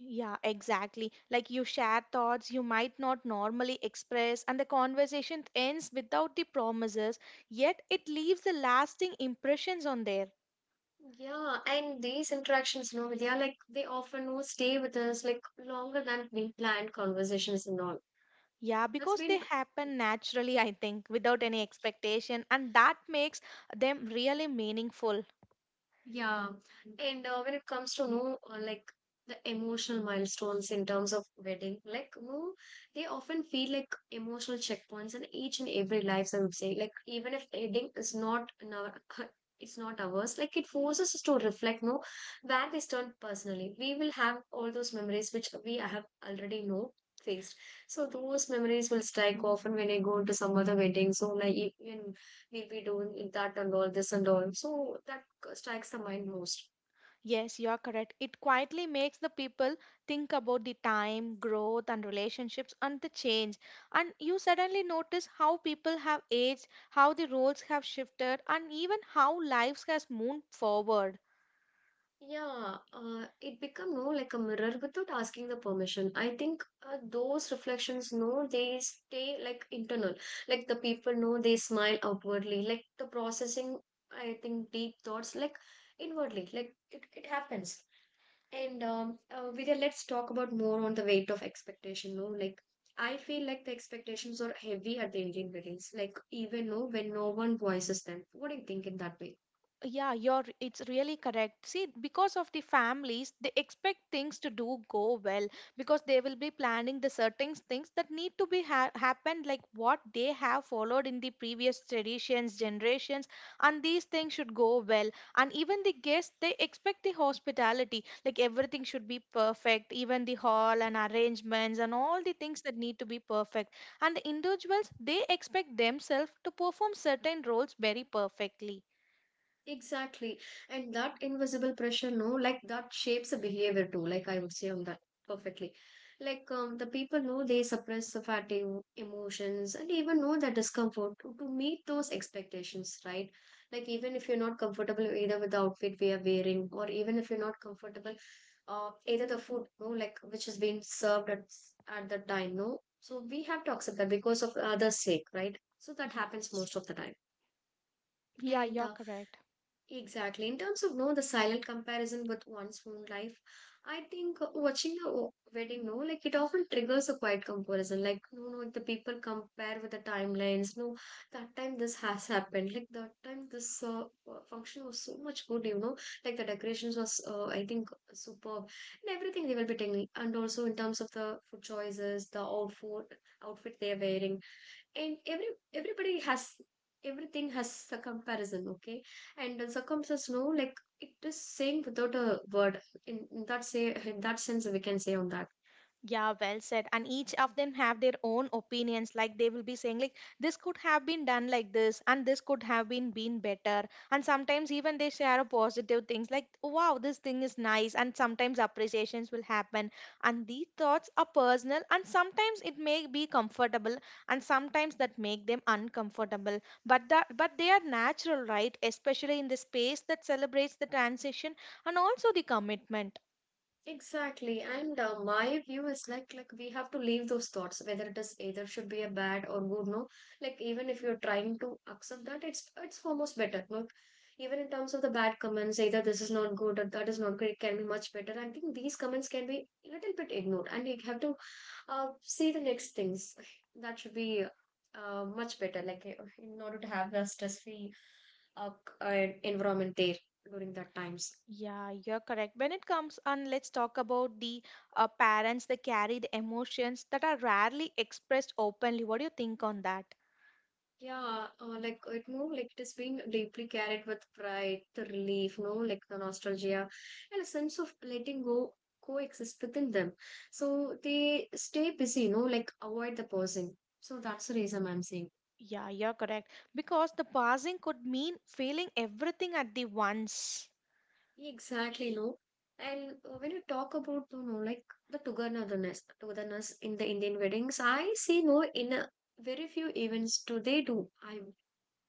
S2: Yeah, exactly. Like you share thoughts you might not normally express, and the conversation ends without the promises, yet it leaves the lasting impressions on there.
S1: Yeah, and these interactions no they are like they often no stay with us like longer than we planned conversations and all.
S2: Yeah,
S1: That's
S2: because they
S1: been.
S2: happen naturally, I think, without any expectation, and that makes them really meaningful.
S1: Yeah, and when it comes to know like the emotional milestones in terms of wedding, like no, they often feel like emotional checkpoints in each and every lives. I would say, like even if wedding is not in our, [LAUGHS] it's not ours. Like it forces us to reflect, no, where we stand personally. We will have all those memories which we have already know faced. So those memories will strike
S2: Mm-hmm.
S1: often when I go to some other wedding. So like even we'll be doing that and all this and all. So that strikes the mind most.
S2: Yes, you are correct. It quietly makes the people think about the time, growth, and relationships and the change. And you suddenly notice how people have aged, how the roles have shifted, and even how lives has moved forward.
S1: Yeah, it become no like a mirror without asking the permission. I think those reflections, no, they stay like internal. Like the people know they smile outwardly. Like the processing, I think deep thoughts like inwardly. Like it happens. And Vidya, let's talk about more on the weight of expectation. No, like I feel like the expectations are heavy at the Indian weddings. Like even no when no one voices them. What do you think in that way?
S2: Yeah, you're it's really correct. See, because of the families, they expect things to do go well because they will be planning the certain things that need to be happened like what they have followed in the previous traditions, generations, and these things should go well. And even the guests, they expect the hospitality, like everything should be perfect, even the hall and arrangements and all the things that need to be perfect. And the individuals, they expect themselves to perform certain roles very perfectly.
S1: Exactly. And that invisible pressure, no, like that shapes a behavior too, like I would say on that perfectly. Like the people know they suppress the fatigue, emotions, and even know the discomfort to meet those expectations, right? Like even if you're not comfortable either with the outfit we are wearing, or even if you're not comfortable, either the food, no, like which has been served at at the time, no. So we have to accept that because of others' sake, right? So that happens
S2: Yes.
S1: most of the time.
S2: Yeah,
S1: And
S2: you're correct.
S1: exactly. In terms of no, the silent comparison with one's own life, I think watching wedding, no, like it often triggers a quiet comparison. Like, no, no, the people compare with the timelines. No, that time this has happened. Like that time this function was so much good. You know, like the decorations was, I think, superb, and everything they will be taking. And also in terms of the food choices, the outfit, outfit they are wearing, and every everybody has everything has a comparison, okay, and the circumstances no like it is saying without a word in that say in that sense we can say on that.
S2: Yeah, well said. And each of them have their own opinions. Like they will be saying, like this could have been done like this, and this could have been better. And sometimes even they share a positive things, like wow, this thing is nice. And sometimes appreciations will happen. And these thoughts are personal, and sometimes it may be comfortable, and sometimes that make them uncomfortable. But that but they are natural, right? Especially in the space that celebrates the transition and also the commitment.
S1: Exactly, and my view is like we have to leave those thoughts whether it is either should be a bad or good no, like even if you're trying to accept that it's almost better no, even in terms of the bad comments either this is not good or that is not great can be much better. I think these comments can be a little bit ignored and you have to see the next things. [LAUGHS] That should be much better. Like in order to have a stress-free environment there during that times.
S2: Yeah, you're correct. When it comes on, let's talk about the parents that carry the emotions that are rarely expressed openly. What do you think on that?
S1: Yeah, like it no, like it has been deeply carried with pride, the relief, no, like the nostalgia, and a sense of letting go coexist within them. So they stay busy, no, like avoid the pausing. So that's the reason I'm saying.
S2: Yeah, you're correct. Because the passing could mean feeling everything at the once.
S1: Exactly, no. And when you talk about, you know, like the togetherness, togetherness in the Indian weddings, I see no in a, very few events do they do. I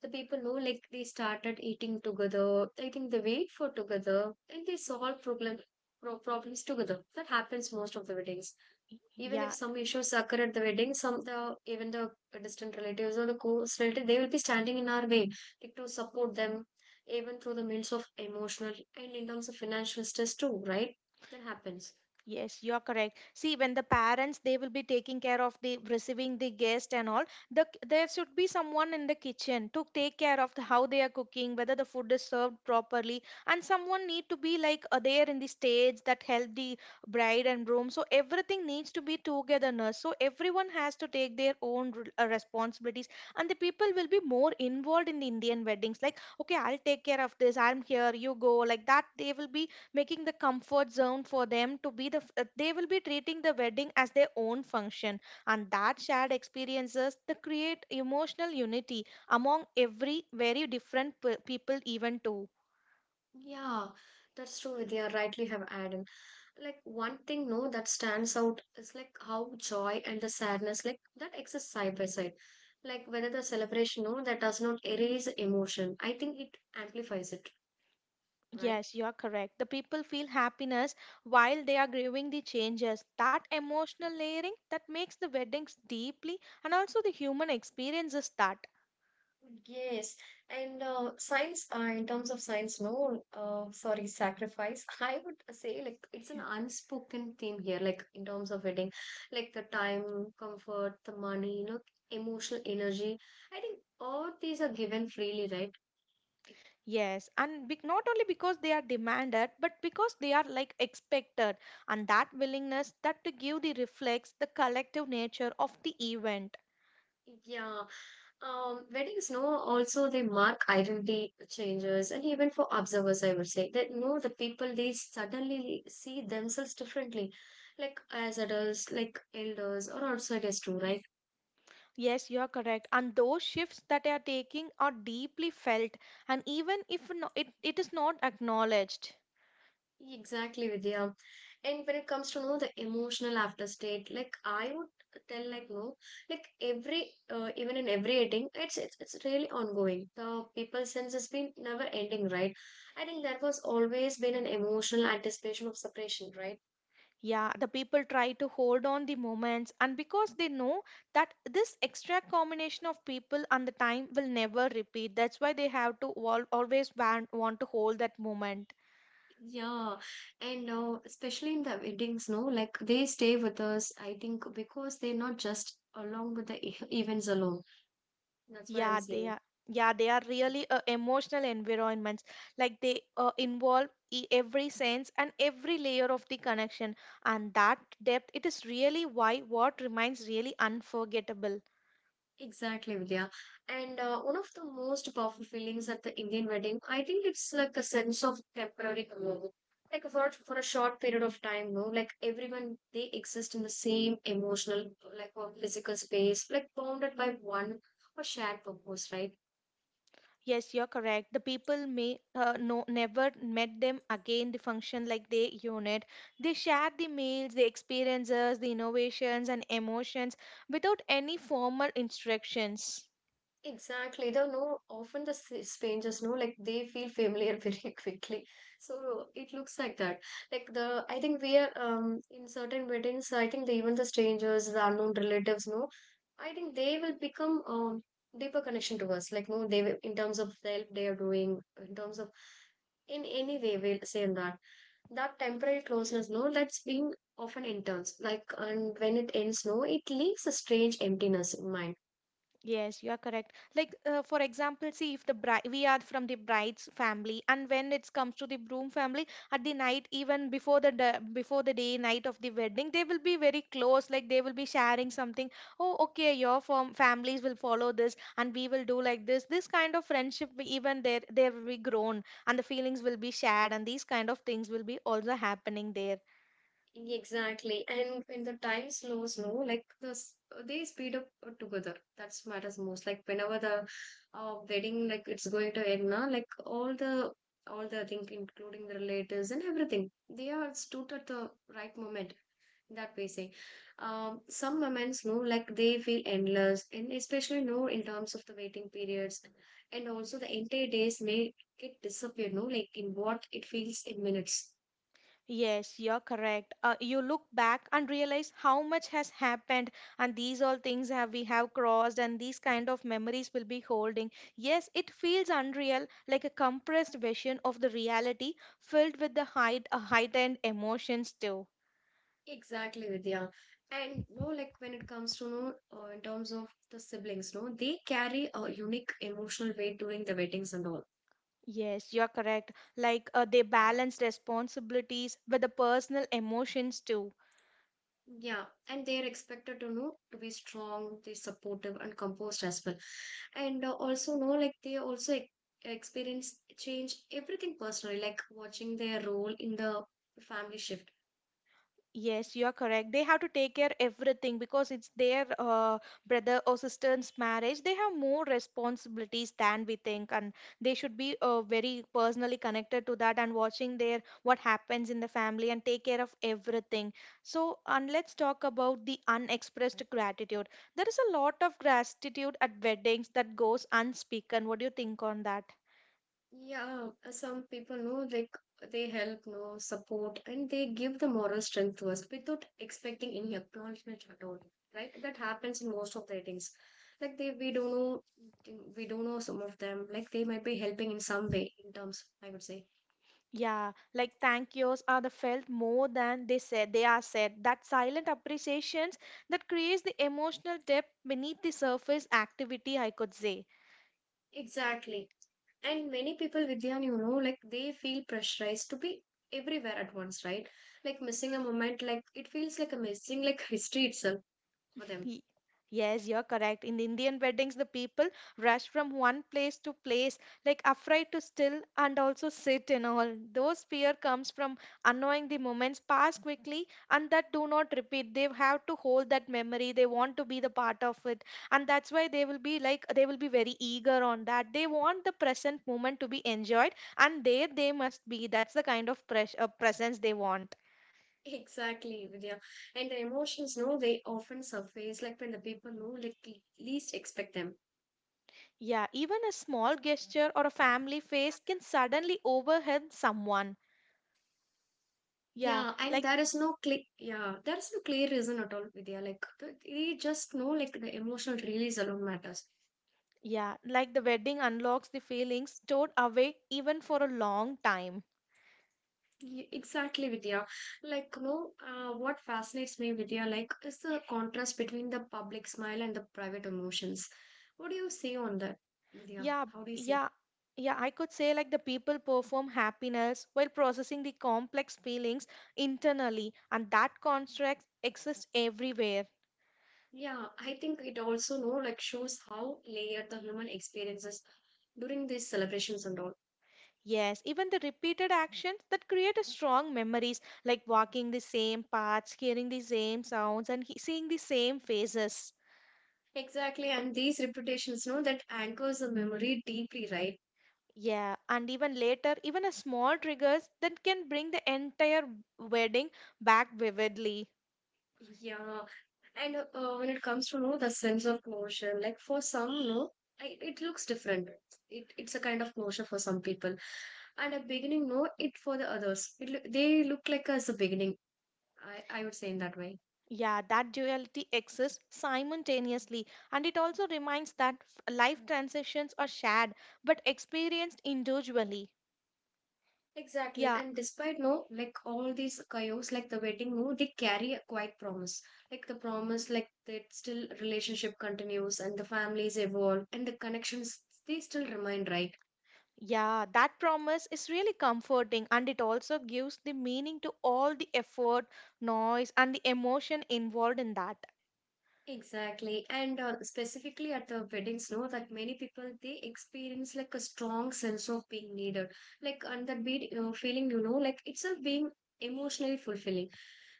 S1: the people know like they started eating together. I think they wait for together and they solve problem problems together. That happens most of the weddings, even
S2: Yeah.
S1: if some issues occur at the wedding, some the even the distant relatives or the close relatives, they will be standing in our way, like to support them, even through the means of emotional and in terms of financial stress too, right? That happens.
S2: Yes, you're correct. See, when the parents they will be taking care of the receiving the guest and all, the there should be someone in the kitchen to take care of the, how they are cooking, whether the food is served properly, and someone need to be like there in the stage that help the bride and groom. So everything needs to be togetherness. So everyone has to take their own responsibilities, and the people will be more involved in the Indian weddings. Like, okay, I'll take care of this. I'm here. You go. Like that, they will be making the comfort zone for them to be the they will be treating the wedding as their own function, and that shared experiences they create emotional unity among every very different people even too.
S1: Yeah, that's true. They are rightly have added. Like one thing, no, that stands out is like how joy and the sadness, like that exists side by side. Like whether the celebration, no, that does not erase emotion. I think it amplifies it, right?
S2: Yes, you are correct. The people feel happiness while they are grieving the changes, that emotional layering that makes the weddings deeply and also the human experiences that.
S1: Yes, and science, in terms of science, no, sorry, sacrifice. [LAUGHS] I would say like it's an unspoken theme here, like in terms of wedding, like the time, comfort, the money, you know, emotional energy. I think all these are given freely, right?
S2: Yes, and not only because they are demanded, but because they are like expected, and that willingness that to give the reflects the collective nature of the event.
S1: Yeah. Weddings, no, also they mark identity changes, and even for observers, I would say that no, the people they suddenly see themselves differently, like as adults, like elders, or outsiders too, right?
S2: Yes, you are correct. And those shifts that they are taking are deeply felt, and even if no, it is not acknowledged.
S1: Exactly, Vidya. And when it comes to no, the emotional after state, like I would tell, like no, like every even in every dating, it's really ongoing. The people sense has been never ending, right? I think that was always been an emotional anticipation of separation, right?
S2: Yeah, the people try to hold on the moments, and because they know that this extra combination of people and the time will never repeat, that's why they have to always want to hold that moment.
S1: Yeah, and especially in the weddings, no, like they stay with us, I think, because they're not just along with the events alone. That's why I'm
S2: Yeah, they
S1: saying.
S2: are. Yeah, they are really emotional environments. Like they involve every sense and every layer of the connection, and that depth it is really why what remains really unforgettable.
S1: Exactly, Vidya. And one of the most powerful feelings at the Indian wedding, I think it's like a sense of temporary community. Like for a short period of time, no, like everyone they exist in the same emotional, like or physical space, like bounded by one or shared purpose, right?
S2: Yes, you're correct. The people may no never met them again. The function like they unit, they share the meals, the experiences, the innovations and emotions without any formal instructions.
S1: Exactly. They know often the strangers know like they feel familiar [LAUGHS] very quickly. So it looks like that. Like the I think we are in certain weddings. I think the, even the strangers, the unknown relatives know. I think they will become deeper connection to us. Like no, they will, in terms of the help they are doing, in terms of in any way we'll say that that temporary closeness no that's been often intense like and when it ends no it leaves a strange emptiness in mind.
S2: Yes, you are correct. Like, for example, see if the bride, we are from the bride's family, and when it comes to the groom family, at the night, even before the before the day, night of the wedding, they will be very close. Like they will be sharing something. Oh, okay, your firm families will follow this, and we will do like this. This kind of friendship, will even there will be grown, and the feelings will be shared, and these kind of things will be also happening there.
S1: Exactly. And when the time slows, no, like the they speed up together. That's matters most. Like whenever the wedding, like it's going to end now, like all the thing, including the relatives and everything, they are stood at the right moment. That we say, some moments, no, like they feel endless, and especially no in terms of the waiting periods, and also the entire days may get disappear, no, like in what it feels in minutes.
S2: Yes, you're correct. You look back and realize how much has happened, and these all things have we have crossed, and these kind of memories will be holding. Yes, it feels unreal, like a compressed version of the reality, filled with the heightened emotions too.
S1: Exactly, Vidya. And no, like when it comes to no, in terms of the siblings, no, they carry a unique emotional weight during the weddings and all.
S2: Yes, you're correct. Like they balance responsibilities with the personal emotions too.
S1: Yeah, and they are expected to know to be strong, they supportive and composed as well. And also know like they also e experience change everything personally, like watching their role in the family shift.
S2: Yes, you are correct. They have to take care everything because it's their brother or sister's marriage. They have more responsibilities than we think, and they should be very personally connected to that and watching their what happens in the family and take care of everything. So, and let's talk about the unexpressed gratitude. There is a lot of gratitude at weddings that goes unspoken. What do you think on that?
S1: Yeah, some people know like they help, know support, and they give the moral strength to us without expecting any acknowledgement at all. Right? That happens in most of the ratings. Like they, we don't know some of them. Like they might be helping in some way, in terms, I would say.
S2: Yeah, like thank yous are the felt more than they said they are said. That silent appreciations that creates the emotional depth beneath the surface activity, I could say.
S1: Exactly. And many people, Vidyan, you know, like they feel pressurized to be everywhere at once, right? Like missing a moment, like it feels like a missing like history itself for them.
S2: Y- Yes, you're correct. In the Indian weddings, the people rush from one place to place, like afraid to still and also sit and all. Those fear comes from unknowing the moments pass quickly and that do not repeat. They have to hold that memory. They want to be the part of it. And that's why they will be like they will be very eager on that. They want the present moment to be enjoyed and there they must be. That's the kind of presence they want.
S1: Exactly, Vidya. And the emotions, no, they often surface like when the people know like least expect them.
S2: Yeah, even a small gesture or a family face can suddenly overwhelm someone. Yeah,
S1: Yeah, and
S2: like
S1: there is no clear, yeah, there is no clear reason at all, Vidya. Like they just know like the emotional release alone matters.
S2: yeah, like the wedding unlocks the feelings stored away even for a long time.
S1: Exactly, Vidya. Like, no, what fascinates me, Vidya, like is the contrast between the public smile and the private emotions. What do you see on that, Vidya?
S2: Yeah,
S1: How do you see?
S2: yeah, yeah, I could say like the people perform happiness while processing the complex feelings internally, and that construct exists everywhere.
S1: Yeah, I think it also know like shows how layered the human experiences during these celebrations and all.
S2: Yes, even the repeated actions that create a strong memories, like walking the same paths, hearing the same sounds, and seeing the same faces.
S1: Exactly, and these reputations know that anchors the memory deeply, right?
S2: Yeah, and even later, even a small triggers that can bring the entire wedding back vividly.
S1: Yeah, and when it comes to know the sense of closure, like for some, no, I, it looks different. It's a kind of closure for some people, and a beginning, no, it for the others. It, they look like as a beginning. I would say in that way.
S2: Yeah, that duality exists simultaneously, and it also reminds that life transitions are shared but experienced individually.
S1: Exactly.
S2: Yeah.
S1: And despite no, like all these chaos, like the wedding, no, they carry a quiet promise. Like the promise, like that still relationship continues and the families evolve and the connections they still remain, right?
S2: Yeah, that promise is really comforting and it also gives the meaning to all the effort, noise, and the emotion involved in that.
S1: Exactly, and specifically at the weddings, no, that many people they experience like a strong sense of being needed, like and that be feeling, you know, like itself being emotionally fulfilling.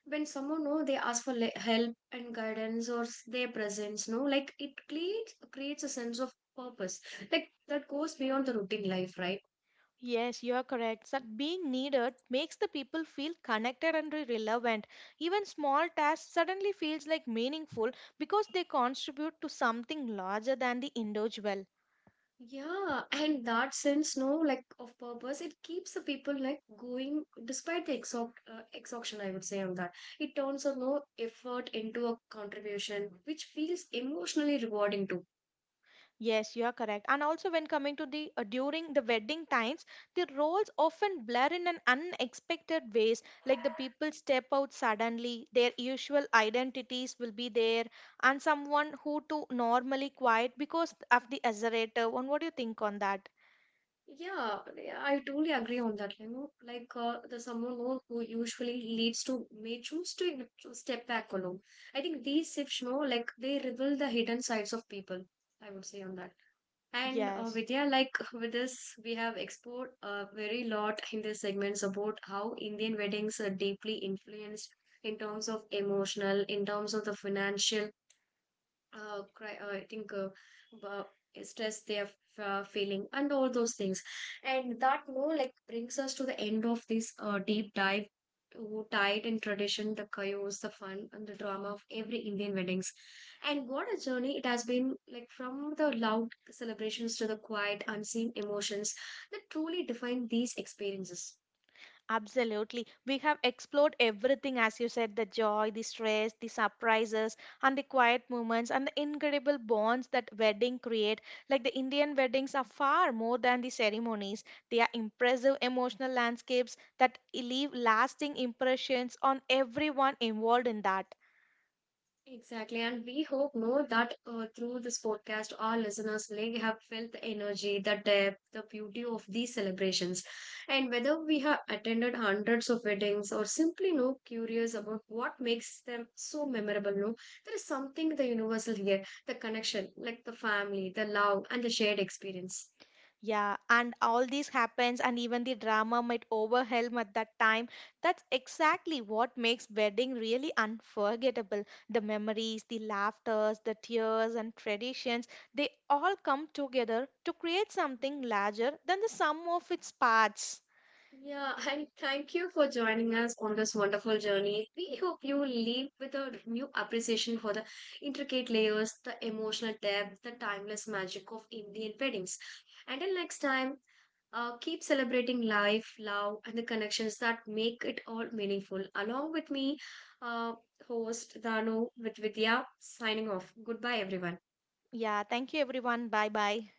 S1: When someone know they ask for help and guidance or their presence, no, like it creates a sense of purpose, like that goes beyond the routine life, right?
S2: Yes, you are correct. That being needed makes the people feel connected and relevant. Even small tasks suddenly feels like meaningful because they contribute to something larger than the individual.
S1: Yeah, and that sense, no, like of purpose, it keeps the people like going despite the exhaustion. I would say on that, it turns a no effort into a contribution, which feels emotionally rewarding too.
S2: Yes, you are correct. And also, when coming to the during the wedding times, the roles often blur in an unexpected ways. Like the people step out suddenly, their usual identities will be there, and someone who to normally quiet because of the exaggerator. And what do you think on that?
S1: Yeah, I totally agree on that. You know, like the someone who usually leads to may choose to, you know, to step back alone. I think these shifts, no, like they reveal the hidden sides of people. I would say on that. And
S2: Yes.
S1: Vidya, like with this, we have explored a very lot in this segments about how Indian weddings are deeply influenced in terms of emotional, in terms of the financial, I think about stress they are feeling and all those things. And that more like brings us to the end of this deep dive to tied and tradition, the chaos, the fun, and the drama of every Indian weddings. And what a journey it has been like from the loud celebrations to the quiet, unseen emotions that truly define these experiences.
S2: Absolutely. We have explored everything, as you said the joy, the stress, the surprises, and the quiet moments, and the incredible bonds that wedding create. Like the Indian weddings are far more than the ceremonies, they are impressive emotional landscapes that leave lasting impressions on everyone involved in that.
S1: Exactly, and we hope more that through this podcast, our listeners like have felt the energy, the depth, the beauty of these celebrations, and whether we have attended hundreds of weddings or simply no curious about what makes them so memorable. No, there is something the universal here: the connection, like the family, the love, and the shared experience.
S2: Yeah, and all this happens, and even the drama might overwhelm at that time. That's exactly what makes wedding really unforgettable. The memories, the laughters, the tears, and traditions, they all come together to create something larger than the sum of its parts.
S1: Yeah, [LAUGHS] and thank you for joining us on this wonderful journey. We hope you leave with a new appreciation for the intricate layers, the emotional depth, the timeless magic of Indian weddings. Until next time, keep celebrating life, love, and the connections that make it all meaningful. Along with me, uh, host Danu with Vidya, signing off. Goodbye, everyone.
S2: Yeah, thank you everyone. Bye bye.